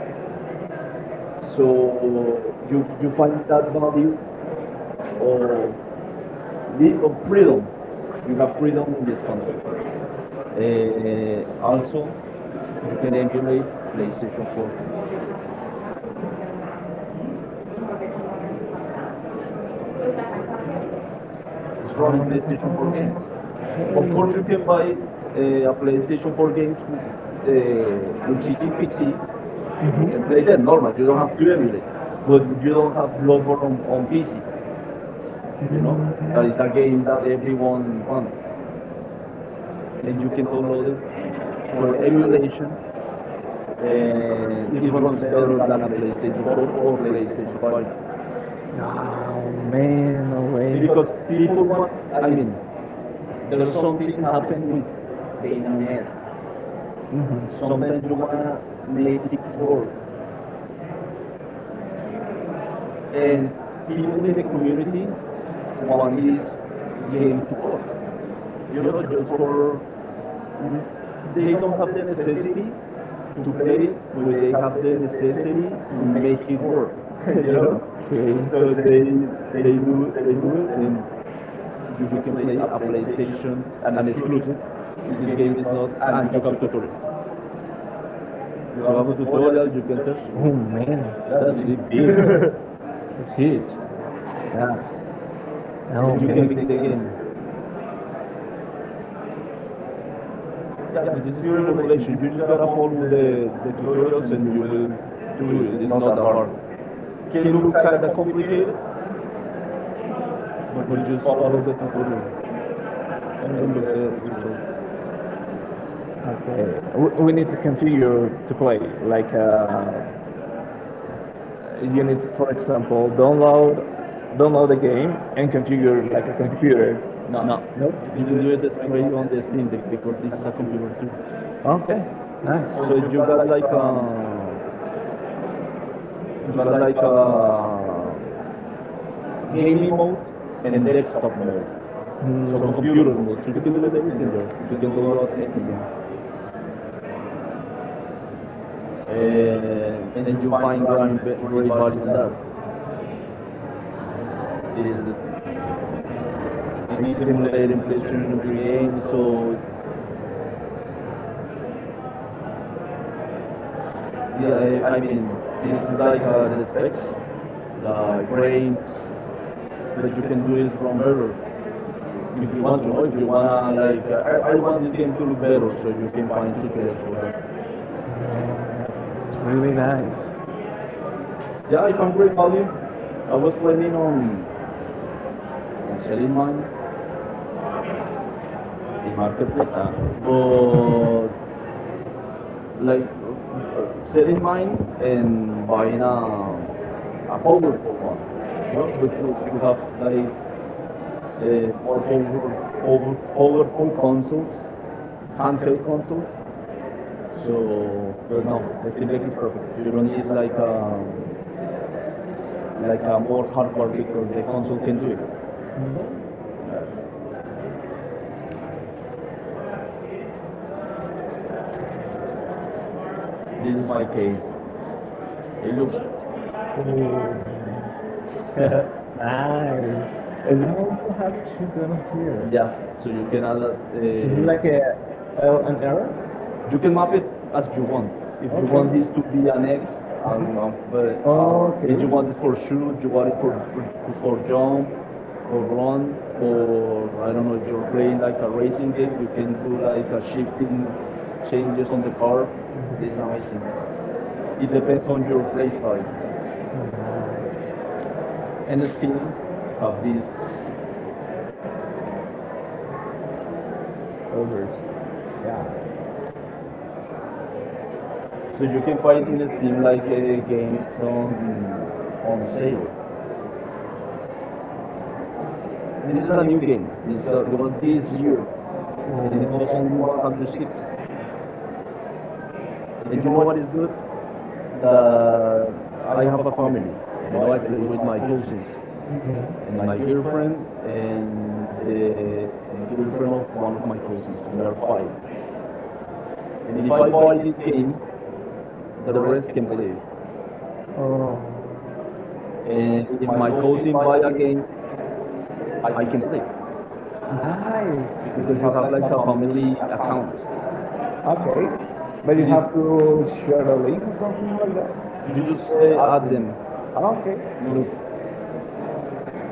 Speaker 2: So
Speaker 1: So
Speaker 2: you
Speaker 1: you
Speaker 2: find
Speaker 1: find that
Speaker 2: that
Speaker 1: value
Speaker 2: value or
Speaker 1: of,
Speaker 2: need or
Speaker 1: of
Speaker 2: feel
Speaker 1: freedom.
Speaker 2: you
Speaker 1: You have
Speaker 2: have to
Speaker 1: freedom in this console.
Speaker 2: look, also
Speaker 1: Also,
Speaker 2: you
Speaker 1: you
Speaker 2: can
Speaker 1: can
Speaker 2: enter the
Speaker 1: emulate PlayStation 4.
Speaker 2: place it's
Speaker 1: It's running
Speaker 2: from the
Speaker 1: PlayStation 4 games.
Speaker 2: people. Of
Speaker 1: Of course,
Speaker 2: course you
Speaker 1: you
Speaker 2: can
Speaker 1: can
Speaker 2: buy
Speaker 1: buy a PlayStation 4 games who-
Speaker 2: the
Speaker 1: uh,
Speaker 2: and
Speaker 1: which is in
Speaker 2: 50-50.
Speaker 1: PC and
Speaker 2: Mhm.
Speaker 1: play
Speaker 2: They said
Speaker 1: them normal.
Speaker 2: normal, you
Speaker 1: You
Speaker 2: don't
Speaker 1: don't
Speaker 2: have
Speaker 1: have to
Speaker 2: clearly,
Speaker 1: emulate,
Speaker 2: but
Speaker 1: but
Speaker 2: you
Speaker 1: you don't have
Speaker 2: don't want,
Speaker 1: Bloodborne on PC.
Speaker 2: you
Speaker 1: You know
Speaker 2: know,
Speaker 1: that
Speaker 2: that is
Speaker 1: is a game that
Speaker 2: against people
Speaker 1: everyone wants,
Speaker 2: want. And
Speaker 1: and
Speaker 2: you
Speaker 1: you
Speaker 2: can
Speaker 1: can
Speaker 2: download
Speaker 1: download
Speaker 2: it
Speaker 1: it
Speaker 2: for
Speaker 1: for
Speaker 2: any list,
Speaker 1: emulation
Speaker 2: and
Speaker 1: and
Speaker 2: it
Speaker 1: it
Speaker 2: runs
Speaker 1: runs
Speaker 2: better
Speaker 1: better
Speaker 2: than a
Speaker 1: than a
Speaker 2: PlayStation
Speaker 1: PlayStation
Speaker 2: 4
Speaker 1: 4
Speaker 2: or
Speaker 1: or
Speaker 2: PlayStation
Speaker 1: PlayStation
Speaker 2: 5.
Speaker 1: 5
Speaker 2: Oh man, no way. Because
Speaker 1: because
Speaker 2: people,
Speaker 1: people want.
Speaker 2: I
Speaker 1: I
Speaker 2: mean,
Speaker 1: mean,
Speaker 2: there's
Speaker 1: there's
Speaker 2: some
Speaker 1: something happen with
Speaker 2: pain
Speaker 1: Beta
Speaker 2: on it.
Speaker 1: Man.
Speaker 2: Mhm. Sometimes you
Speaker 1: Sometimes you
Speaker 2: wanna
Speaker 1: wanna
Speaker 2: make
Speaker 1: make
Speaker 2: things
Speaker 1: things
Speaker 2: work,
Speaker 1: work,
Speaker 2: and
Speaker 1: and
Speaker 2: people in
Speaker 1: people in
Speaker 2: the
Speaker 1: the
Speaker 2: community
Speaker 1: community
Speaker 2: while
Speaker 1: want
Speaker 2: he's
Speaker 1: this game
Speaker 2: gaming.
Speaker 1: to work.
Speaker 2: You
Speaker 1: You know, just
Speaker 2: know,
Speaker 1: for,
Speaker 2: they
Speaker 1: they
Speaker 2: know
Speaker 1: don't have the necessity
Speaker 2: to
Speaker 1: to
Speaker 2: play
Speaker 1: play it,
Speaker 2: with
Speaker 1: but
Speaker 2: it
Speaker 1: they have the necessity to
Speaker 2: and make
Speaker 1: make it
Speaker 2: it work.
Speaker 1: work.
Speaker 2: You
Speaker 1: You know,
Speaker 2: know, okay. So
Speaker 1: so they
Speaker 2: they
Speaker 1: they
Speaker 2: do
Speaker 1: do they do
Speaker 2: it,
Speaker 1: it
Speaker 2: and
Speaker 1: and
Speaker 2: you
Speaker 1: you
Speaker 2: can
Speaker 1: can
Speaker 2: play
Speaker 1: play
Speaker 2: a
Speaker 1: a
Speaker 2: PlayStation
Speaker 1: PlayStation
Speaker 2: and
Speaker 1: an
Speaker 2: it's free.
Speaker 1: exclusive.
Speaker 2: This
Speaker 1: This
Speaker 2: game,
Speaker 1: game is not,
Speaker 2: and
Speaker 1: and
Speaker 2: you
Speaker 1: you
Speaker 2: have
Speaker 1: have
Speaker 2: to put
Speaker 1: tutorials.
Speaker 2: it. You
Speaker 1: You
Speaker 2: have
Speaker 1: have a
Speaker 2: to.
Speaker 1: tutorial, you can search. Look,
Speaker 2: Oh man, that's
Speaker 1: that's big.
Speaker 2: big. It's huge. Yeah. Oh you
Speaker 1: And
Speaker 2: can
Speaker 1: you
Speaker 2: man.
Speaker 1: can
Speaker 2: Make
Speaker 1: make
Speaker 2: the
Speaker 1: the game.
Speaker 2: game. Yeah,
Speaker 1: Yeah,
Speaker 2: this is
Speaker 1: this is
Speaker 2: pure
Speaker 1: pure
Speaker 2: emulation.
Speaker 1: emulation.
Speaker 2: If you
Speaker 1: You just
Speaker 2: got a
Speaker 1: gotta
Speaker 2: phone
Speaker 1: follow the
Speaker 2: tutorial,
Speaker 1: tutorials, and you will
Speaker 2: do
Speaker 1: do
Speaker 2: it.
Speaker 1: it.
Speaker 2: It's
Speaker 1: It's
Speaker 2: not that.
Speaker 1: not that hard.
Speaker 2: It can
Speaker 1: Can
Speaker 2: look
Speaker 1: look
Speaker 2: kind of
Speaker 1: kinda
Speaker 2: complicated,
Speaker 1: complicated,
Speaker 2: but
Speaker 1: but
Speaker 2: just
Speaker 1: just
Speaker 2: follow
Speaker 1: follow the tutorial
Speaker 2: the end
Speaker 1: and
Speaker 2: of
Speaker 1: look
Speaker 2: that
Speaker 1: the result.
Speaker 2: principle. Okay. We-
Speaker 1: We
Speaker 2: We
Speaker 1: we
Speaker 2: need to
Speaker 1: did
Speaker 2: continue
Speaker 1: continue
Speaker 2: to play.
Speaker 1: playing.
Speaker 2: Like you
Speaker 1: You
Speaker 2: need,
Speaker 1: need,
Speaker 2: for
Speaker 1: for
Speaker 2: example,
Speaker 1: example, go up.
Speaker 2: download the game and configure like a computer. No,
Speaker 1: No,
Speaker 2: nope. You
Speaker 1: you
Speaker 2: can do
Speaker 1: can do
Speaker 2: it as
Speaker 1: it
Speaker 2: like
Speaker 1: straight on the Steam Deck because this is a computer too.
Speaker 2: okay. Nice. So
Speaker 1: So
Speaker 2: you
Speaker 1: you
Speaker 2: got
Speaker 1: got
Speaker 2: like
Speaker 1: like
Speaker 2: a
Speaker 1: a
Speaker 2: game
Speaker 1: gaming mode
Speaker 2: and
Speaker 1: and
Speaker 2: desktop
Speaker 1: desktop
Speaker 2: mode.
Speaker 1: mode.
Speaker 2: Mm. So mm,
Speaker 1: So
Speaker 2: computer
Speaker 1: computer
Speaker 2: mode.
Speaker 1: mode. So
Speaker 2: You
Speaker 1: you
Speaker 2: can
Speaker 1: can
Speaker 2: do it
Speaker 1: do it
Speaker 2: everything.
Speaker 1: everything there.
Speaker 2: You
Speaker 1: You
Speaker 2: can
Speaker 1: can
Speaker 2: download
Speaker 1: download
Speaker 2: anything.
Speaker 1: anything,
Speaker 2: And
Speaker 1: and
Speaker 2: you
Speaker 1: you
Speaker 2: find
Speaker 1: find
Speaker 2: great
Speaker 1: great
Speaker 2: value
Speaker 1: value
Speaker 2: in
Speaker 1: on
Speaker 2: that.
Speaker 1: that.
Speaker 2: This
Speaker 1: This the
Speaker 2: is it
Speaker 1: And
Speaker 2: is
Speaker 1: he's
Speaker 2: emulating
Speaker 1: emulating
Speaker 2: the
Speaker 1: PlayStation
Speaker 2: 3
Speaker 1: 3
Speaker 2: game.
Speaker 1: games.
Speaker 2: So
Speaker 1: So yeah,
Speaker 2: yeah, I,
Speaker 1: I
Speaker 2: mean,
Speaker 1: mean
Speaker 2: this
Speaker 1: this
Speaker 2: is
Speaker 1: is
Speaker 2: like
Speaker 1: like
Speaker 2: the
Speaker 1: the
Speaker 2: specs,
Speaker 1: specs,
Speaker 2: like
Speaker 1: like frames,
Speaker 2: but
Speaker 1: but
Speaker 2: you
Speaker 1: you
Speaker 2: can
Speaker 1: can do
Speaker 2: do it
Speaker 1: it
Speaker 2: from
Speaker 1: from
Speaker 2: better.
Speaker 1: better
Speaker 2: If
Speaker 1: if
Speaker 2: you
Speaker 1: you
Speaker 2: want
Speaker 1: want
Speaker 2: to
Speaker 1: to
Speaker 2: know,
Speaker 1: know
Speaker 2: if
Speaker 1: if
Speaker 2: you
Speaker 1: you wanna
Speaker 2: wanna
Speaker 1: like
Speaker 2: I
Speaker 1: I
Speaker 2: want
Speaker 1: want
Speaker 2: the
Speaker 1: this
Speaker 2: game
Speaker 1: game
Speaker 2: to
Speaker 1: to
Speaker 2: look
Speaker 1: look
Speaker 2: better,
Speaker 1: better
Speaker 2: so
Speaker 1: so you
Speaker 2: you can
Speaker 1: can
Speaker 2: find
Speaker 1: find
Speaker 2: tutorials
Speaker 1: tutorials
Speaker 2: for
Speaker 1: for that.
Speaker 2: that. It's really nice.
Speaker 1: Yeah,
Speaker 2: Yeah, I
Speaker 1: I found
Speaker 2: found
Speaker 1: great
Speaker 2: it.
Speaker 1: value.
Speaker 2: I
Speaker 1: I
Speaker 2: was
Speaker 1: was
Speaker 2: playing
Speaker 1: planning on selling
Speaker 2: in
Speaker 1: mine
Speaker 2: Marcus,
Speaker 1: in
Speaker 2: in
Speaker 1: marketplace.
Speaker 2: Marcus's.
Speaker 1: But
Speaker 2: So
Speaker 1: like
Speaker 2: selling
Speaker 1: selling
Speaker 2: mine
Speaker 1: mine
Speaker 2: and
Speaker 1: and
Speaker 2: buying
Speaker 1: buying a
Speaker 2: a power
Speaker 1: powerful one.
Speaker 2: one.
Speaker 1: Yeah but
Speaker 2: No?
Speaker 1: you have
Speaker 2: Because
Speaker 1: like
Speaker 2: the more
Speaker 1: more
Speaker 2: pow- powerful
Speaker 1: powerful
Speaker 2: phone
Speaker 1: consoles,
Speaker 2: can't
Speaker 1: handheld
Speaker 2: help
Speaker 1: consoles.
Speaker 2: us. So,
Speaker 1: So,
Speaker 2: but
Speaker 1: but
Speaker 2: no,
Speaker 1: no,
Speaker 2: I think
Speaker 1: Steam
Speaker 2: that
Speaker 1: Deck
Speaker 2: is
Speaker 1: is perfect.
Speaker 2: perfect. You
Speaker 1: You
Speaker 2: will
Speaker 1: don't
Speaker 2: need
Speaker 1: need
Speaker 2: like like
Speaker 1: like
Speaker 2: a
Speaker 1: a more hardware
Speaker 2: normal people
Speaker 1: because the console can
Speaker 2: do
Speaker 1: do it.
Speaker 2: it. No?
Speaker 1: Right.
Speaker 2: This
Speaker 1: This
Speaker 2: is
Speaker 1: is
Speaker 2: my
Speaker 1: my
Speaker 2: case.
Speaker 1: case.
Speaker 2: It
Speaker 1: It
Speaker 2: looks.
Speaker 1: looks,
Speaker 2: Oh. Nice. And
Speaker 1: and
Speaker 2: I also have two here. Yeah,
Speaker 1: yeah.
Speaker 2: so
Speaker 1: So
Speaker 2: you
Speaker 1: you
Speaker 2: can
Speaker 1: can add
Speaker 2: is it like a
Speaker 1: uh,
Speaker 2: L and R? You
Speaker 1: you
Speaker 2: can
Speaker 1: can
Speaker 2: map
Speaker 1: map it
Speaker 2: it as
Speaker 1: as
Speaker 2: you
Speaker 1: you
Speaker 2: want.
Speaker 1: want.
Speaker 2: If you
Speaker 1: If you
Speaker 2: Okay. want
Speaker 1: want
Speaker 2: Okay. this
Speaker 1: this
Speaker 2: to
Speaker 1: to
Speaker 2: be
Speaker 1: be
Speaker 2: an
Speaker 1: an X,
Speaker 2: ace,
Speaker 1: I uh,
Speaker 2: Okay.
Speaker 1: if
Speaker 2: You
Speaker 1: you want
Speaker 2: want
Speaker 1: this
Speaker 2: for
Speaker 1: for
Speaker 2: shoot,
Speaker 1: shoot, you
Speaker 2: you
Speaker 1: want
Speaker 2: want
Speaker 1: it
Speaker 2: for
Speaker 1: for
Speaker 2: jump,
Speaker 1: jump,
Speaker 2: for
Speaker 1: for
Speaker 2: run,
Speaker 1: run,
Speaker 2: for
Speaker 1: for,
Speaker 2: I
Speaker 1: I
Speaker 2: don't
Speaker 1: don't know,
Speaker 2: know,
Speaker 1: if
Speaker 2: if
Speaker 1: you're
Speaker 2: you're playing
Speaker 1: playing like
Speaker 2: a
Speaker 1: a
Speaker 2: racing
Speaker 1: racing game,
Speaker 2: game,
Speaker 1: you
Speaker 2: you
Speaker 1: can
Speaker 2: can do
Speaker 1: do
Speaker 2: like
Speaker 1: like a shifting
Speaker 2: shifting changes
Speaker 1: changes on
Speaker 2: on
Speaker 1: the
Speaker 2: the car.
Speaker 1: car. This
Speaker 2: This
Speaker 1: is
Speaker 2: option.
Speaker 1: amazing.
Speaker 2: It
Speaker 1: It
Speaker 2: depends
Speaker 1: depends on
Speaker 2: on your
Speaker 1: your play
Speaker 2: play style.
Speaker 1: style.
Speaker 2: Nice
Speaker 1: And
Speaker 2: anything
Speaker 1: Steam
Speaker 2: from
Speaker 1: have this.
Speaker 2: these. Overs. Yeah.
Speaker 1: So
Speaker 2: So
Speaker 1: you
Speaker 2: you
Speaker 1: can
Speaker 2: can buy
Speaker 1: find in Steam
Speaker 2: it
Speaker 1: like
Speaker 2: like a
Speaker 1: games
Speaker 2: someone
Speaker 1: on
Speaker 2: on sale.
Speaker 1: sale.
Speaker 2: This
Speaker 1: This
Speaker 2: is
Speaker 1: is
Speaker 2: a
Speaker 1: a
Speaker 2: new
Speaker 1: new
Speaker 2: pick.
Speaker 1: game.
Speaker 2: It's
Speaker 1: This
Speaker 2: it
Speaker 1: It
Speaker 2: was
Speaker 1: was
Speaker 2: this
Speaker 1: this year,
Speaker 2: year. Mm-hmm.
Speaker 1: and
Speaker 2: It is
Speaker 1: it
Speaker 2: not
Speaker 1: costs
Speaker 2: only
Speaker 1: only
Speaker 2: 106.
Speaker 1: 106.
Speaker 2: And
Speaker 1: And
Speaker 2: you
Speaker 1: you
Speaker 2: know
Speaker 1: know
Speaker 2: what?
Speaker 1: what is good?
Speaker 2: The
Speaker 1: The
Speaker 2: I
Speaker 1: I
Speaker 2: have
Speaker 1: have a family.
Speaker 2: you
Speaker 1: You
Speaker 2: know I
Speaker 1: know, I
Speaker 2: played
Speaker 1: play
Speaker 2: with
Speaker 1: with
Speaker 2: my
Speaker 1: my
Speaker 2: coaches
Speaker 1: cousins
Speaker 2: and
Speaker 1: and
Speaker 2: my
Speaker 1: my
Speaker 2: girlfriend
Speaker 1: girlfriend
Speaker 2: and
Speaker 1: and the
Speaker 2: the girlfriend
Speaker 1: girlfriend of
Speaker 2: of one
Speaker 1: one
Speaker 2: of
Speaker 1: of
Speaker 2: my
Speaker 1: my
Speaker 2: coaches.
Speaker 1: cousins.
Speaker 2: We
Speaker 1: We
Speaker 2: are
Speaker 1: are five.
Speaker 2: five. And
Speaker 1: And
Speaker 2: if I
Speaker 1: if I
Speaker 2: buy
Speaker 1: buy
Speaker 2: this
Speaker 1: this
Speaker 2: game,
Speaker 1: game,
Speaker 2: the
Speaker 1: the
Speaker 2: rest
Speaker 1: rest
Speaker 2: can
Speaker 1: can
Speaker 2: play.
Speaker 1: play.
Speaker 2: Oh. And
Speaker 1: And
Speaker 2: in
Speaker 1: if
Speaker 2: my
Speaker 1: my
Speaker 2: course
Speaker 1: cousin buy a game,
Speaker 2: I
Speaker 1: I
Speaker 2: can
Speaker 1: can
Speaker 2: get.
Speaker 1: play
Speaker 2: Nice. Because
Speaker 1: because
Speaker 2: you
Speaker 1: you
Speaker 2: have
Speaker 1: have
Speaker 2: like
Speaker 1: like
Speaker 2: a
Speaker 1: a
Speaker 2: family
Speaker 1: family account.
Speaker 2: account. Okay. But you
Speaker 1: This
Speaker 2: have to share the link or something like that.
Speaker 1: You
Speaker 2: You just
Speaker 1: just add them.
Speaker 2: Okay. You
Speaker 1: Look,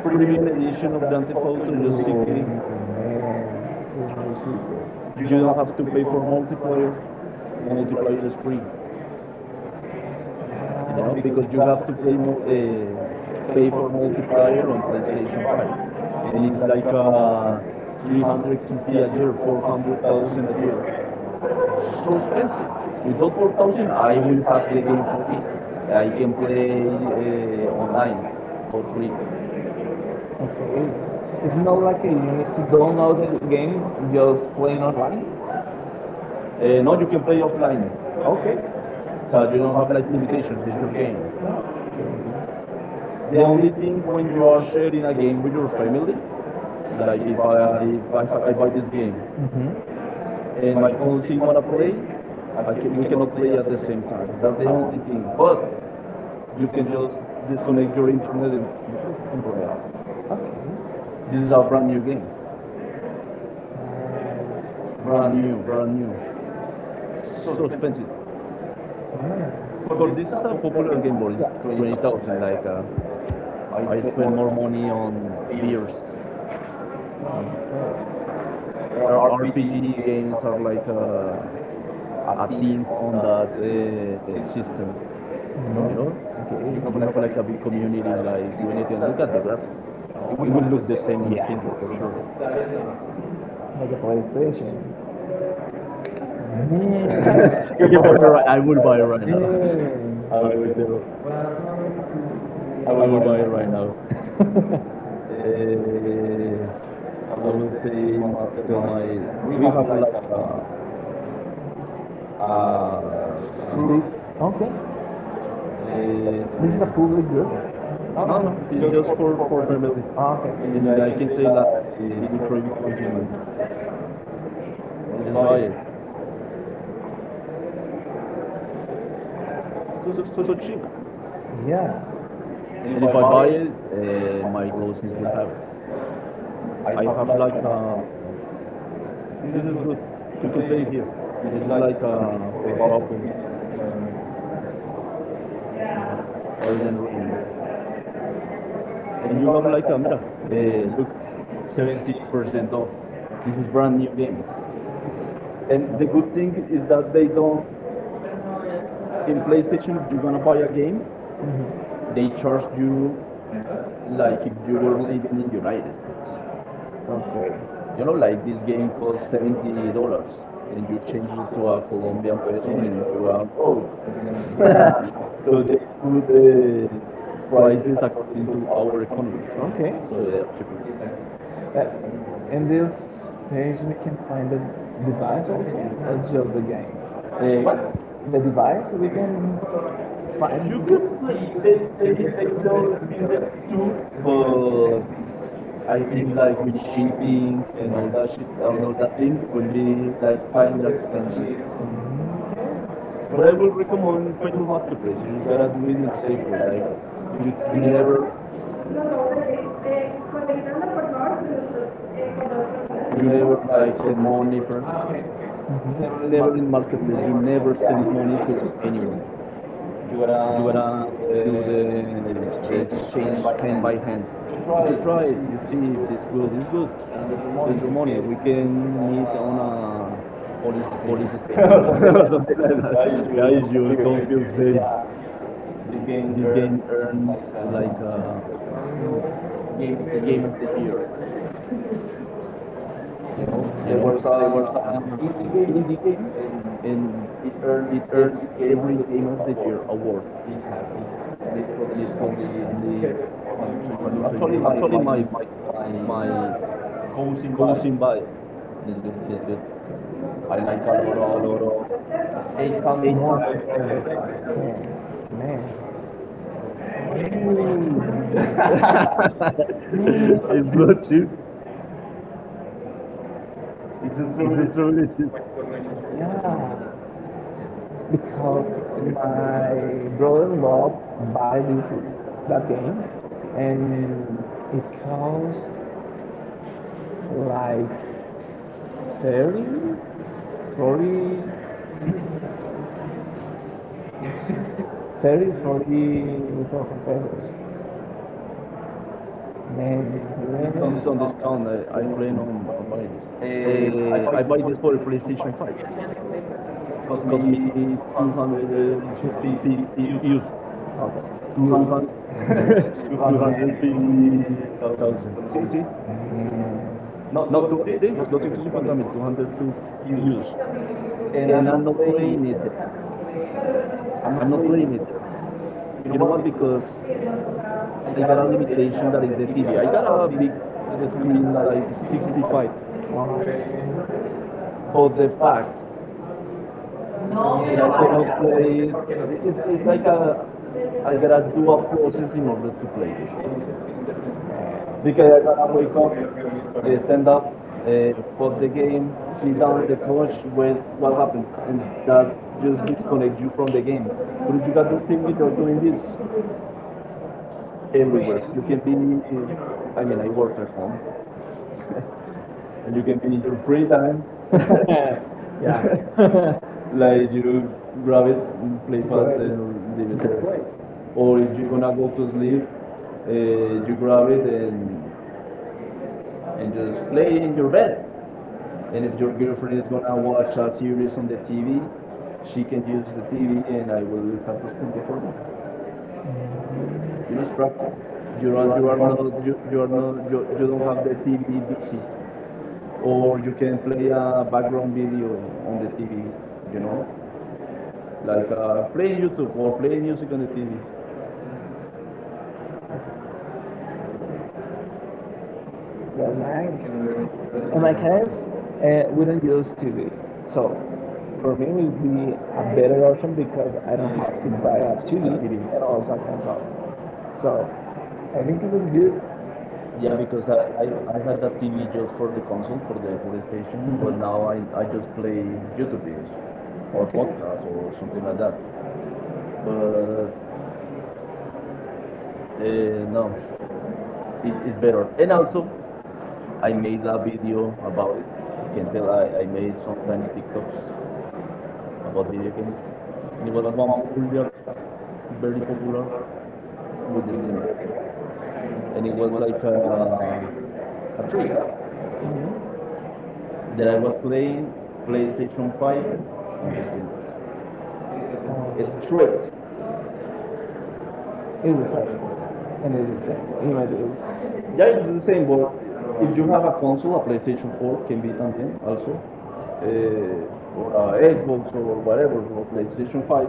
Speaker 2: premium
Speaker 1: premium
Speaker 2: for
Speaker 1: edition of
Speaker 2: you.
Speaker 1: Grand Theft
Speaker 2: Oh,
Speaker 1: Auto just
Speaker 2: 16
Speaker 1: 60.
Speaker 2: man. This is really
Speaker 1: You
Speaker 2: super.
Speaker 1: don't have to pay for multiplayer.
Speaker 2: You multiply it.
Speaker 1: Multiplayer is free, you know,
Speaker 2: Know,
Speaker 1: because you
Speaker 2: uh,
Speaker 1: have to play uh,
Speaker 2: pay
Speaker 1: pay
Speaker 2: for
Speaker 1: for
Speaker 2: the price
Speaker 1: multiplayer
Speaker 2: of
Speaker 1: on
Speaker 2: the
Speaker 1: PlayStation 5,
Speaker 2: vacation. And
Speaker 1: and
Speaker 2: it's
Speaker 1: it's
Speaker 2: like
Speaker 1: like
Speaker 2: 360
Speaker 1: 360
Speaker 2: a
Speaker 1: a
Speaker 2: year,
Speaker 1: year,
Speaker 2: 400,000
Speaker 1: 400,000
Speaker 2: a
Speaker 1: a year.
Speaker 2: year. So
Speaker 1: It's so expensive.
Speaker 2: crazy. With
Speaker 1: With
Speaker 2: those
Speaker 1: those
Speaker 2: 4,000,
Speaker 1: 4,000,
Speaker 2: I
Speaker 1: I
Speaker 2: will
Speaker 1: will
Speaker 2: have
Speaker 1: have the
Speaker 2: taken
Speaker 1: game for
Speaker 2: something.
Speaker 1: me.
Speaker 2: I
Speaker 1: I
Speaker 2: can
Speaker 1: can play
Speaker 2: go
Speaker 1: online
Speaker 2: for
Speaker 1: for
Speaker 2: free.
Speaker 1: free.
Speaker 2: Okay. It's
Speaker 1: It's
Speaker 2: not
Speaker 1: not like
Speaker 2: like you
Speaker 1: you
Speaker 2: need to
Speaker 1: download
Speaker 2: download
Speaker 1: the
Speaker 2: the game,
Speaker 1: game, you
Speaker 2: just
Speaker 1: just
Speaker 2: playing
Speaker 1: playing
Speaker 2: online.
Speaker 1: online.
Speaker 2: Uh,
Speaker 1: No,
Speaker 2: not
Speaker 1: you can play
Speaker 2: offline.
Speaker 1: offline,
Speaker 2: Okay.
Speaker 1: so
Speaker 2: So you
Speaker 1: you
Speaker 2: don't
Speaker 1: don't
Speaker 2: have
Speaker 1: have
Speaker 2: like
Speaker 1: like
Speaker 2: limitations
Speaker 1: limitations.
Speaker 2: in
Speaker 1: It's
Speaker 2: your
Speaker 1: your
Speaker 2: game.
Speaker 1: game.
Speaker 2: Okay. The
Speaker 1: The
Speaker 2: only
Speaker 1: only
Speaker 2: thing
Speaker 1: thing
Speaker 2: when
Speaker 1: when
Speaker 2: you
Speaker 1: you
Speaker 2: are
Speaker 1: are
Speaker 2: sharing
Speaker 1: sharing a
Speaker 2: is
Speaker 1: game with your
Speaker 2: with
Speaker 1: family,
Speaker 2: friends, like
Speaker 1: like if I,
Speaker 2: if
Speaker 1: have,
Speaker 2: I
Speaker 1: I buy
Speaker 2: bought this
Speaker 1: this
Speaker 2: game.
Speaker 1: game
Speaker 2: Mm-hmm. And
Speaker 1: and
Speaker 2: my
Speaker 1: my
Speaker 2: fiance
Speaker 1: cousin wanna
Speaker 2: wanna play,
Speaker 1: play,
Speaker 2: I
Speaker 1: I
Speaker 2: can,
Speaker 1: can, we
Speaker 2: we cannot
Speaker 1: cannot
Speaker 2: play
Speaker 1: play
Speaker 2: at
Speaker 1: at the
Speaker 2: the same
Speaker 1: same
Speaker 2: time.
Speaker 1: time.
Speaker 2: That's
Speaker 1: That's
Speaker 2: the
Speaker 1: the
Speaker 2: only
Speaker 1: only
Speaker 2: thing.
Speaker 1: thing.
Speaker 2: But
Speaker 1: But you
Speaker 2: you can
Speaker 1: can
Speaker 2: just
Speaker 1: just
Speaker 2: connect
Speaker 1: disconnect your
Speaker 2: with
Speaker 1: internet and play.
Speaker 2: and play out. Okay.
Speaker 1: This
Speaker 2: This is
Speaker 1: is
Speaker 2: a
Speaker 1: a brand
Speaker 2: brand new
Speaker 1: new
Speaker 2: game.
Speaker 1: game,
Speaker 2: Uh, brand
Speaker 1: brand
Speaker 2: new,
Speaker 1: new,
Speaker 2: brand
Speaker 1: brand new.
Speaker 2: new.
Speaker 1: It's
Speaker 2: So
Speaker 1: so
Speaker 2: expensive.
Speaker 1: expensive.
Speaker 2: Yeah.
Speaker 1: Of
Speaker 2: For this
Speaker 1: course,
Speaker 2: is
Speaker 1: this
Speaker 2: a
Speaker 1: is a
Speaker 2: popular
Speaker 1: popular
Speaker 2: game
Speaker 1: game,
Speaker 2: once,
Speaker 1: but it's
Speaker 2: yeah, twenty
Speaker 1: twenty
Speaker 2: thousand.
Speaker 1: thousand. Like
Speaker 2: I
Speaker 1: I spend
Speaker 2: spent
Speaker 1: more money on
Speaker 2: years.
Speaker 1: beers.
Speaker 2: So, there
Speaker 1: RPG games are like a
Speaker 2: party
Speaker 1: thing
Speaker 2: or
Speaker 1: on that
Speaker 2: the system.
Speaker 1: system, you know?
Speaker 2: Mhm. Okay. You
Speaker 1: And you
Speaker 2: know,
Speaker 1: have
Speaker 2: like,
Speaker 1: like a big
Speaker 2: if
Speaker 1: community like doing it and look at the graphics.
Speaker 2: you
Speaker 1: It
Speaker 2: will
Speaker 1: will
Speaker 2: lose
Speaker 1: look
Speaker 2: this.
Speaker 1: the same on Steam
Speaker 2: Yeah.
Speaker 1: for sure.
Speaker 2: For sure. Like a PlayStation. Mm-hmm.
Speaker 1: I
Speaker 2: You
Speaker 1: can
Speaker 2: buy
Speaker 1: buy it right.
Speaker 2: one.
Speaker 1: I will buy it right now.
Speaker 2: Mm. I
Speaker 1: I will
Speaker 2: will.
Speaker 1: tell.
Speaker 2: I
Speaker 1: I
Speaker 2: will
Speaker 1: will
Speaker 2: buy
Speaker 1: buy it
Speaker 2: one.
Speaker 1: right now. Uh,
Speaker 2: I
Speaker 1: I
Speaker 2: will
Speaker 1: will
Speaker 2: say
Speaker 1: tell
Speaker 2: my
Speaker 1: my,
Speaker 2: we
Speaker 1: we
Speaker 2: have
Speaker 1: have
Speaker 2: like
Speaker 1: like
Speaker 2: a
Speaker 1: a, a
Speaker 2: group.
Speaker 1: group.
Speaker 2: Okay.
Speaker 1: Uh,
Speaker 2: This is a
Speaker 1: uh,
Speaker 2: food with you?
Speaker 1: No,
Speaker 2: No,
Speaker 1: no,
Speaker 2: no.
Speaker 1: it's just for family.
Speaker 2: Ah, okay. In
Speaker 1: And
Speaker 2: like
Speaker 1: I
Speaker 2: in
Speaker 1: can say
Speaker 2: uh,
Speaker 1: that the
Speaker 2: the-
Speaker 1: Detroit Bitcoin human. Just
Speaker 2: buy
Speaker 1: buy
Speaker 2: it.
Speaker 1: it. So,
Speaker 2: So,
Speaker 1: so
Speaker 2: so
Speaker 1: cheap.
Speaker 2: Yeah. And if
Speaker 1: And
Speaker 2: I
Speaker 1: if I
Speaker 2: buy
Speaker 1: buy
Speaker 2: it,
Speaker 1: it, my cousins
Speaker 2: I
Speaker 1: will have it. I
Speaker 2: have
Speaker 1: have
Speaker 2: like
Speaker 1: like a, this
Speaker 2: this is
Speaker 1: is
Speaker 2: good.
Speaker 1: good.
Speaker 2: You
Speaker 1: You
Speaker 2: can
Speaker 1: can
Speaker 2: play it
Speaker 1: play it
Speaker 2: here.
Speaker 1: here.
Speaker 2: This
Speaker 1: This
Speaker 2: is
Speaker 1: is
Speaker 2: like
Speaker 1: like a, for a couple,
Speaker 2: Um,
Speaker 1: Elden Ring.
Speaker 2: and
Speaker 1: And
Speaker 2: you
Speaker 1: you have
Speaker 2: have like
Speaker 1: like a, mira, look, 70%
Speaker 2: 70% off.
Speaker 1: off.
Speaker 2: This
Speaker 1: This
Speaker 2: is
Speaker 1: is brand
Speaker 2: brand
Speaker 1: new game.
Speaker 2: new.
Speaker 1: And
Speaker 2: And
Speaker 1: the
Speaker 2: the good
Speaker 1: good
Speaker 2: thing
Speaker 1: thing
Speaker 2: is
Speaker 1: is that
Speaker 2: that they
Speaker 1: they don't,
Speaker 2: don't in
Speaker 1: in
Speaker 2: PlayStation,
Speaker 1: PlayStation, if
Speaker 2: you
Speaker 1: you're
Speaker 2: want
Speaker 1: gonna
Speaker 2: to
Speaker 1: buy
Speaker 2: buy
Speaker 1: a
Speaker 2: a game.
Speaker 1: game,
Speaker 2: Mm-hmm. They
Speaker 1: they charge
Speaker 2: charge you
Speaker 1: you
Speaker 2: like
Speaker 1: like if
Speaker 2: if
Speaker 1: you
Speaker 2: you were
Speaker 1: were
Speaker 2: living
Speaker 1: living in the
Speaker 2: in the United
Speaker 1: United States.
Speaker 2: States. Okay. You
Speaker 1: You know,
Speaker 2: know, like
Speaker 1: like this
Speaker 2: this game
Speaker 1: game
Speaker 2: costs
Speaker 1: costs seventy
Speaker 2: $78.
Speaker 1: dollars,
Speaker 2: And
Speaker 1: and you
Speaker 2: you change
Speaker 1: change
Speaker 2: it
Speaker 1: it
Speaker 2: to
Speaker 1: to
Speaker 2: a
Speaker 1: a
Speaker 2: Colombian
Speaker 1: Colombian peso,
Speaker 2: version, it
Speaker 1: and you
Speaker 2: will
Speaker 1: are broke.
Speaker 2: oh. So
Speaker 1: So they
Speaker 2: they put
Speaker 1: put
Speaker 2: the
Speaker 1: the
Speaker 2: prices
Speaker 1: prices
Speaker 2: according
Speaker 1: according
Speaker 2: to
Speaker 1: to
Speaker 2: our
Speaker 1: our economy,
Speaker 2: country. Okay. So
Speaker 1: so they are cheaper.
Speaker 2: yeah. Uh, in this page, we can find the device also, or just the games?
Speaker 1: What?
Speaker 2: What? The device, we can find
Speaker 1: You
Speaker 2: this?
Speaker 1: could split the Excel
Speaker 2: So
Speaker 1: in that too, but
Speaker 2: I
Speaker 1: I
Speaker 2: think
Speaker 1: think
Speaker 2: like
Speaker 1: like
Speaker 2: with
Speaker 1: with
Speaker 2: shaping
Speaker 1: shipping
Speaker 2: and
Speaker 1: and
Speaker 2: my
Speaker 1: all
Speaker 2: that
Speaker 1: that shit
Speaker 2: I'm
Speaker 1: and all that thing, it will be
Speaker 2: like
Speaker 1: like
Speaker 2: find the
Speaker 1: kind of expensive.
Speaker 2: expression. But
Speaker 1: But I will
Speaker 2: I
Speaker 1: recommend
Speaker 2: you
Speaker 1: Facebook Marketplace. You just gotta do it in a
Speaker 2: gotta say
Speaker 1: safe way. Like
Speaker 2: protected. You, you
Speaker 1: you
Speaker 2: never,
Speaker 1: never,
Speaker 2: eh, conectando por favor con nuestros con los personajes. You never like
Speaker 1: like
Speaker 2: send
Speaker 1: send
Speaker 2: money
Speaker 1: money
Speaker 2: first. Ah,
Speaker 1: first.
Speaker 2: okay. You never in mar-
Speaker 1: Never in
Speaker 2: you
Speaker 1: Marketplace. You
Speaker 2: never
Speaker 1: never
Speaker 2: send
Speaker 1: send money to
Speaker 2: money.
Speaker 1: anyone.
Speaker 2: You
Speaker 1: You
Speaker 2: gotta
Speaker 1: gotta do the
Speaker 2: exchange hand
Speaker 1: exchange
Speaker 2: by hand.
Speaker 1: hand by hand.
Speaker 2: You try
Speaker 1: If
Speaker 2: it,
Speaker 1: you
Speaker 2: you
Speaker 1: try
Speaker 2: see
Speaker 1: it, you
Speaker 2: it's
Speaker 1: see
Speaker 2: good,
Speaker 1: if
Speaker 2: it's
Speaker 1: this
Speaker 2: good.
Speaker 1: good, it's good.
Speaker 2: And with the money
Speaker 1: There's
Speaker 2: you
Speaker 1: your
Speaker 2: get,
Speaker 1: money. We can meet on
Speaker 2: uh, poly
Speaker 1: a
Speaker 2: system.
Speaker 1: police station
Speaker 2: Something
Speaker 1: or
Speaker 2: like.
Speaker 1: something like
Speaker 2: Yeah, you
Speaker 1: that.
Speaker 2: should. That.
Speaker 1: Guys,
Speaker 2: Is
Speaker 1: you
Speaker 2: your
Speaker 1: don't
Speaker 2: favorite.
Speaker 1: feel safe.
Speaker 2: Yeah. This game
Speaker 1: This
Speaker 2: earned
Speaker 1: game earned
Speaker 2: like
Speaker 1: like a
Speaker 2: uh, game of
Speaker 1: game of the
Speaker 2: the
Speaker 1: year.
Speaker 2: year. You know,
Speaker 1: You
Speaker 2: there
Speaker 1: know,
Speaker 2: was a
Speaker 1: there was an
Speaker 2: um, indie game
Speaker 1: indie game,
Speaker 2: and
Speaker 1: and
Speaker 2: it earns
Speaker 1: it earns
Speaker 2: every game of
Speaker 1: every
Speaker 2: the
Speaker 1: game
Speaker 2: year
Speaker 1: of the
Speaker 2: award.
Speaker 1: year award.
Speaker 2: It happened, and it was
Speaker 1: And it costs
Speaker 2: only
Speaker 1: only
Speaker 2: three. Actually,
Speaker 1: 132. Actually, my
Speaker 2: my cousin by
Speaker 1: goes in buy it,
Speaker 2: is
Speaker 1: and it's good.
Speaker 2: good. I like that
Speaker 1: Like a lot of
Speaker 2: overall. They come
Speaker 1: eight
Speaker 2: more.
Speaker 1: can.
Speaker 2: Man.
Speaker 1: It's not cheap.
Speaker 2: It's through
Speaker 1: It's
Speaker 2: it.
Speaker 1: extremely cheap.
Speaker 2: Yeah. Because my brother-in-law buy this that game and it costs like 30, 40, 30,
Speaker 1: And
Speaker 2: 40 pesos. It's
Speaker 1: this
Speaker 2: on
Speaker 1: is
Speaker 2: this
Speaker 1: on
Speaker 2: discount.
Speaker 1: discount.
Speaker 2: I
Speaker 1: I
Speaker 2: play
Speaker 1: plan
Speaker 2: on
Speaker 1: on buying this.
Speaker 2: what. Eh, I buy
Speaker 1: I
Speaker 2: this
Speaker 1: buy
Speaker 2: for
Speaker 1: this
Speaker 2: the
Speaker 1: for a
Speaker 2: PlayStation 5.
Speaker 1: PlayStation 5. It
Speaker 2: It cost me
Speaker 1: cost me
Speaker 2: 250
Speaker 1: 250
Speaker 2: euros.
Speaker 1: euros.
Speaker 2: Okay.
Speaker 1: 200
Speaker 2: 250,000.
Speaker 1: 250,000.
Speaker 2: What is
Speaker 1: See? It?
Speaker 2: it? Not
Speaker 1: No,
Speaker 2: 250,
Speaker 1: two, see?
Speaker 2: 250,000
Speaker 1: 250,000, 250 euros.
Speaker 2: euros. And I'm
Speaker 1: and
Speaker 2: not
Speaker 1: I'm not
Speaker 2: playing
Speaker 1: playing
Speaker 2: it
Speaker 1: it there.
Speaker 2: there. I'm
Speaker 1: I'm
Speaker 2: not
Speaker 1: not
Speaker 2: playing
Speaker 1: playing it there.
Speaker 2: it. You know
Speaker 1: You know
Speaker 2: what?
Speaker 1: what? Because
Speaker 2: Because I
Speaker 1: I
Speaker 2: got a
Speaker 1: got a
Speaker 2: limitation.
Speaker 1: limitation that is the
Speaker 2: I
Speaker 1: TV. I
Speaker 2: got
Speaker 1: got
Speaker 2: out of
Speaker 1: a
Speaker 2: the,
Speaker 1: big
Speaker 2: screen
Speaker 1: screen like
Speaker 2: like
Speaker 1: 65.
Speaker 2: 65. But
Speaker 1: But
Speaker 2: the
Speaker 1: the
Speaker 2: fact,
Speaker 1: fact
Speaker 2: no, you
Speaker 1: that
Speaker 2: know,
Speaker 1: I
Speaker 2: so like,
Speaker 1: cannot play. It,
Speaker 2: it's,
Speaker 1: it's
Speaker 2: like
Speaker 1: like
Speaker 2: a,
Speaker 1: a
Speaker 2: I
Speaker 1: I
Speaker 2: got
Speaker 1: gotta
Speaker 2: a
Speaker 1: do
Speaker 2: few
Speaker 1: a
Speaker 2: of
Speaker 1: process in order to play this stuff.
Speaker 2: because
Speaker 1: Because
Speaker 2: I got to
Speaker 1: I
Speaker 2: wake
Speaker 1: wake
Speaker 2: up,
Speaker 1: up,
Speaker 2: stand
Speaker 1: stand up,
Speaker 2: up, uh, all
Speaker 1: pause the
Speaker 2: the
Speaker 1: game,
Speaker 2: sit
Speaker 1: sit
Speaker 2: down
Speaker 1: down at
Speaker 2: with
Speaker 1: the
Speaker 2: the
Speaker 1: couch,
Speaker 2: money.
Speaker 1: wait what
Speaker 2: What
Speaker 1: happens,
Speaker 2: happens?
Speaker 1: and
Speaker 2: You got
Speaker 1: that just disconnects you from the
Speaker 2: collect-
Speaker 1: game. But if you
Speaker 2: you
Speaker 1: got
Speaker 2: got
Speaker 1: this
Speaker 2: music
Speaker 1: thing, that you're doing this everywhere.
Speaker 2: everywhere.
Speaker 1: You can be, I mean,
Speaker 2: Again,
Speaker 1: I work at home, and you can be in your free
Speaker 2: free
Speaker 1: time
Speaker 2: time. Yeah. Like
Speaker 1: like you
Speaker 2: you
Speaker 1: grab
Speaker 2: drive
Speaker 1: it,
Speaker 2: it,
Speaker 1: play
Speaker 2: you. That's
Speaker 1: fast and leave it
Speaker 2: drive. That's
Speaker 1: there.
Speaker 2: great.
Speaker 1: Or
Speaker 2: Or
Speaker 1: if you're
Speaker 2: you
Speaker 1: gonna go to sleep, you grab
Speaker 2: grab
Speaker 1: it
Speaker 2: it
Speaker 1: and
Speaker 2: and you just
Speaker 1: just play in
Speaker 2: flip the
Speaker 1: your bed.
Speaker 2: red.
Speaker 1: And if
Speaker 2: And
Speaker 1: your
Speaker 2: your
Speaker 1: girlfriend
Speaker 2: girlfriend is
Speaker 1: is gonna
Speaker 2: gonna
Speaker 1: watch
Speaker 2: watch out.
Speaker 1: a series on the TV, she
Speaker 2: She.
Speaker 1: can use the TV and I will have this thing before me. You know, it's practical.
Speaker 2: You're. You are,
Speaker 1: You
Speaker 2: you
Speaker 1: are
Speaker 2: are,
Speaker 1: not you, you are not you, you don't have the TV busy,
Speaker 2: or
Speaker 1: or you
Speaker 2: you
Speaker 1: can
Speaker 2: can
Speaker 1: play
Speaker 2: get a
Speaker 1: a
Speaker 2: of the
Speaker 1: background video on the
Speaker 2: TV,
Speaker 1: TV. You
Speaker 2: you know,
Speaker 1: know, like playing YouTube or playing music on the
Speaker 2: uh,
Speaker 1: TV.
Speaker 2: that's nice. In my
Speaker 1: Like,
Speaker 2: case, we don't use TV, so
Speaker 1: so
Speaker 2: for me it will be a better option because I don't have to buy a TV
Speaker 1: a TV.
Speaker 2: and also a console. So I think it was good.
Speaker 1: Yeah,
Speaker 2: Yeah,
Speaker 1: because I,
Speaker 2: because
Speaker 1: I, I had
Speaker 2: I
Speaker 1: that TV
Speaker 2: is
Speaker 1: just for the
Speaker 2: the.
Speaker 1: console, for the PlayStation, but now I,
Speaker 2: Like,
Speaker 1: I
Speaker 2: I
Speaker 1: just play
Speaker 2: did in
Speaker 1: YouTube videos
Speaker 2: user.
Speaker 1: or
Speaker 2: Okay,
Speaker 1: podcasts or something like
Speaker 2: well,
Speaker 1: that.
Speaker 2: like
Speaker 1: But no,
Speaker 2: uh,
Speaker 1: it's
Speaker 2: it's
Speaker 1: better.
Speaker 2: better.
Speaker 1: And
Speaker 2: And also,
Speaker 1: also, I
Speaker 2: I make
Speaker 1: made a
Speaker 2: a video
Speaker 1: video about it.
Speaker 2: about it.
Speaker 1: I can
Speaker 2: You can
Speaker 1: tell
Speaker 2: tell I
Speaker 1: I
Speaker 2: had
Speaker 1: made sometimes
Speaker 2: sometimes
Speaker 1: TikToks
Speaker 2: videos
Speaker 1: about
Speaker 2: about
Speaker 1: video games.
Speaker 2: it.
Speaker 1: And it
Speaker 2: It
Speaker 1: was
Speaker 2: was
Speaker 1: one popular,
Speaker 2: unpopular,
Speaker 1: very
Speaker 2: very
Speaker 1: popular
Speaker 2: popular
Speaker 1: with the
Speaker 2: with this
Speaker 1: Steam Deck.
Speaker 2: character.
Speaker 1: And
Speaker 2: And
Speaker 1: it
Speaker 2: it
Speaker 1: was
Speaker 2: was like
Speaker 1: like
Speaker 2: a
Speaker 1: a
Speaker 2: trick
Speaker 1: trick that
Speaker 2: that I
Speaker 1: I was
Speaker 2: was playing
Speaker 1: playing PlayStation
Speaker 2: PlayStation 5
Speaker 1: 5 on the Steam Deck. It's straight.
Speaker 2: straight. It's the same. And it's the same. You know, it was.
Speaker 1: Yeah,
Speaker 2: Yeah,
Speaker 1: it
Speaker 2: it
Speaker 1: the
Speaker 2: was
Speaker 1: same,
Speaker 2: say,
Speaker 1: but
Speaker 2: but
Speaker 1: if
Speaker 2: if
Speaker 1: you
Speaker 2: you
Speaker 1: have
Speaker 2: have
Speaker 1: a
Speaker 2: a
Speaker 1: console, a PlayStation 4
Speaker 2: PlayStation
Speaker 1: can be también also, or a Xbox or whatever, or PlayStation 5,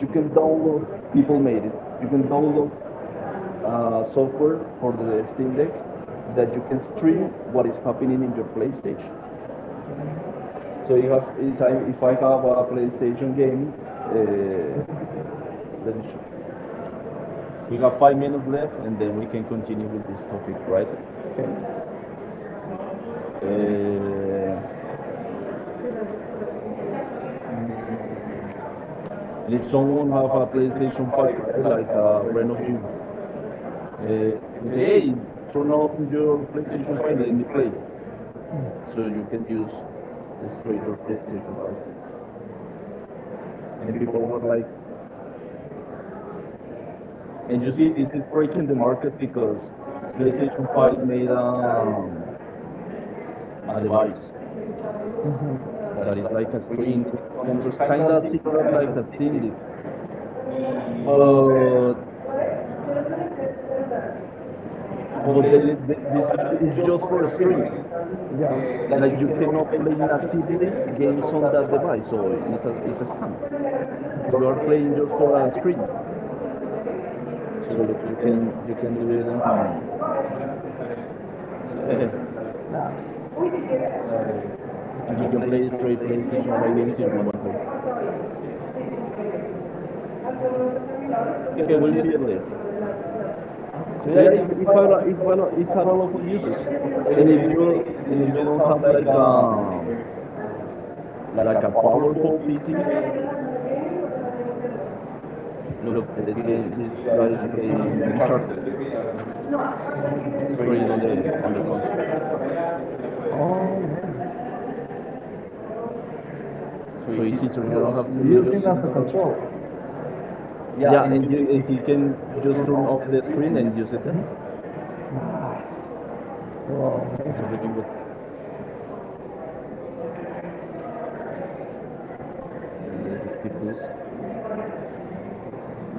Speaker 1: you can download, people made it, you can
Speaker 2: delay,
Speaker 1: download software
Speaker 2: software
Speaker 1: for
Speaker 2: on
Speaker 1: the
Speaker 2: the
Speaker 1: Steam
Speaker 2: screen
Speaker 1: Deck
Speaker 2: that
Speaker 1: that you
Speaker 2: you
Speaker 1: can
Speaker 2: can
Speaker 1: stream
Speaker 2: stream
Speaker 1: what
Speaker 2: what
Speaker 1: is
Speaker 2: is
Speaker 1: happening
Speaker 2: happening
Speaker 1: in
Speaker 2: in
Speaker 1: your PlayStation.
Speaker 2: PlayStation.
Speaker 1: So
Speaker 2: So
Speaker 1: you
Speaker 2: you have
Speaker 1: have,
Speaker 2: decided
Speaker 1: if
Speaker 2: if
Speaker 1: I
Speaker 2: I
Speaker 1: have
Speaker 2: have
Speaker 1: a PlayStation
Speaker 2: PlayStation
Speaker 1: game,
Speaker 2: play,
Speaker 1: uh, let me show you.
Speaker 2: then
Speaker 1: We
Speaker 2: you
Speaker 1: have
Speaker 2: have
Speaker 1: five
Speaker 2: five if you
Speaker 1: minutes left, and then we can continue
Speaker 2: continue with
Speaker 1: with this
Speaker 2: this
Speaker 1: topic,
Speaker 2: topic,
Speaker 1: right?
Speaker 2: right? And
Speaker 1: Uh, and
Speaker 2: if
Speaker 1: if someone
Speaker 2: someone
Speaker 1: have
Speaker 2: have a
Speaker 1: a
Speaker 2: PlayStation
Speaker 1: PlayStation 5,
Speaker 2: party, right,
Speaker 1: right,
Speaker 2: like
Speaker 1: like
Speaker 2: a
Speaker 1: a friend
Speaker 2: friend of
Speaker 1: of you,
Speaker 2: yours, Uh,
Speaker 1: you can say,
Speaker 2: today,
Speaker 1: hey,
Speaker 2: turn
Speaker 1: turn
Speaker 2: off
Speaker 1: on
Speaker 2: your
Speaker 1: your
Speaker 2: station
Speaker 1: PlayStation 5,
Speaker 2: file
Speaker 1: let
Speaker 2: and
Speaker 1: me
Speaker 2: play.
Speaker 1: play.
Speaker 2: So
Speaker 1: So you can
Speaker 2: you use
Speaker 1: use
Speaker 2: the stream
Speaker 1: straight
Speaker 2: of
Speaker 1: your
Speaker 2: the station
Speaker 1: PlayStation 5.
Speaker 2: file. And
Speaker 1: And
Speaker 2: people
Speaker 1: people were
Speaker 2: wonder.
Speaker 1: like,
Speaker 2: And
Speaker 1: and
Speaker 2: you
Speaker 1: you
Speaker 2: see
Speaker 1: see,
Speaker 2: this
Speaker 1: this is
Speaker 2: breaking
Speaker 1: breaking
Speaker 2: the
Speaker 1: the
Speaker 2: market
Speaker 1: market
Speaker 2: because
Speaker 1: because
Speaker 2: PlayStation
Speaker 1: PlayStation
Speaker 2: 5
Speaker 1: 5
Speaker 2: made
Speaker 1: made
Speaker 2: a
Speaker 1: a
Speaker 2: device
Speaker 1: device
Speaker 2: that
Speaker 1: that
Speaker 2: is
Speaker 1: is
Speaker 2: like a
Speaker 1: like a
Speaker 2: screen.
Speaker 1: screen with
Speaker 2: It's
Speaker 1: controls,
Speaker 2: kind
Speaker 1: kind of similar like a Steam Deck,
Speaker 2: but
Speaker 1: but
Speaker 2: but
Speaker 1: this
Speaker 2: it's
Speaker 1: is
Speaker 2: just
Speaker 1: just
Speaker 2: for
Speaker 1: for
Speaker 2: everybody.
Speaker 1: streaming.
Speaker 2: Yeah. That you
Speaker 1: Like you
Speaker 2: cannot
Speaker 1: cannot play
Speaker 2: fantastically
Speaker 1: natively
Speaker 2: in.
Speaker 1: games on that
Speaker 2: So
Speaker 1: device, so
Speaker 2: you
Speaker 1: it's a scam. You are playing just for a screen. So look,
Speaker 2: can,
Speaker 1: you can do it on. Um, eh.
Speaker 2: nah. Uh,
Speaker 1: You can
Speaker 2: play
Speaker 1: play
Speaker 2: straight,
Speaker 1: straight
Speaker 2: play
Speaker 1: PlayStation 5
Speaker 2: if
Speaker 1: games if
Speaker 2: you
Speaker 1: you want to.
Speaker 2: want. Okay,
Speaker 1: Okay, we'll
Speaker 2: well,
Speaker 1: see you later. So yeah,
Speaker 2: today you
Speaker 1: if I lo- it had a lot of uses, and
Speaker 2: it,
Speaker 1: if you
Speaker 2: will
Speaker 1: don't
Speaker 2: come
Speaker 1: have
Speaker 2: like like a
Speaker 1: like a
Speaker 2: power. Look,
Speaker 1: powerful PC,
Speaker 2: this No,
Speaker 1: look
Speaker 2: the
Speaker 1: this game, this guy is
Speaker 2: is
Speaker 1: playing
Speaker 2: we talked
Speaker 1: Uncharted
Speaker 2: about.
Speaker 1: straight on the console.
Speaker 2: Oh, man. So
Speaker 1: So
Speaker 2: it's
Speaker 1: it's easier. You don't have to
Speaker 2: easy
Speaker 1: do
Speaker 2: using
Speaker 1: just
Speaker 2: as a
Speaker 1: install
Speaker 2: control. Yeah,
Speaker 1: yeah,
Speaker 2: and you
Speaker 1: and, you,
Speaker 2: can
Speaker 1: and he can
Speaker 2: just
Speaker 1: just
Speaker 2: turn
Speaker 1: turn
Speaker 2: off
Speaker 1: off
Speaker 2: the
Speaker 1: the
Speaker 2: screen
Speaker 1: screen
Speaker 2: and you
Speaker 1: and use it there.
Speaker 2: can, wow,
Speaker 1: It's
Speaker 2: man.
Speaker 1: freaking good. Let's just skip this.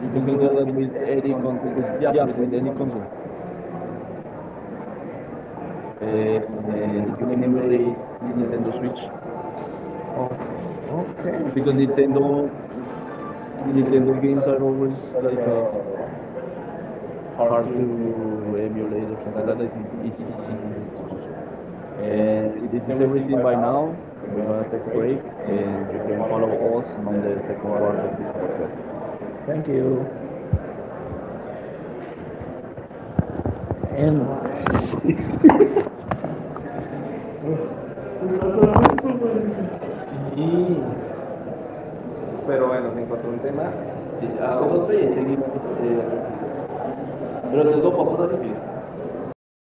Speaker 2: You
Speaker 1: You
Speaker 2: can
Speaker 1: can
Speaker 2: do
Speaker 1: do
Speaker 2: that
Speaker 1: that with
Speaker 2: uh,
Speaker 1: any
Speaker 2: on
Speaker 1: con with
Speaker 2: with yeah
Speaker 1: yeah
Speaker 2: with
Speaker 1: with any console.
Speaker 2: you
Speaker 1: You
Speaker 2: can
Speaker 1: can emulate
Speaker 2: emulate Nintendo
Speaker 1: Nintendo
Speaker 2: Switch.
Speaker 1: Switch
Speaker 2: Awesome.
Speaker 1: because
Speaker 2: Okay.
Speaker 1: Nintendo games are always
Speaker 2: Like
Speaker 1: like
Speaker 2: hard to
Speaker 1: hard to emulate or something
Speaker 2: another
Speaker 1: like that.
Speaker 2: is
Speaker 1: It's,
Speaker 2: easy
Speaker 1: it's easy in its
Speaker 2: exposure.
Speaker 1: console.
Speaker 2: And
Speaker 1: And this
Speaker 2: it's same
Speaker 1: is everything
Speaker 2: right
Speaker 1: by
Speaker 2: now,
Speaker 1: now.
Speaker 2: we're
Speaker 1: We're
Speaker 2: gonna
Speaker 1: gonna
Speaker 2: take a
Speaker 1: take a
Speaker 2: break
Speaker 1: break,
Speaker 2: and
Speaker 1: and you
Speaker 2: we'll
Speaker 1: can follow
Speaker 2: follow us
Speaker 1: us
Speaker 2: in
Speaker 1: on
Speaker 2: the
Speaker 1: the
Speaker 2: second
Speaker 1: second
Speaker 2: part of
Speaker 1: part of
Speaker 2: the
Speaker 1: this podcast.
Speaker 2: podcast. Thank you. And entonces, bueno, se encontró un tema
Speaker 1: 啊，我们这里是，都呃，做半导体的。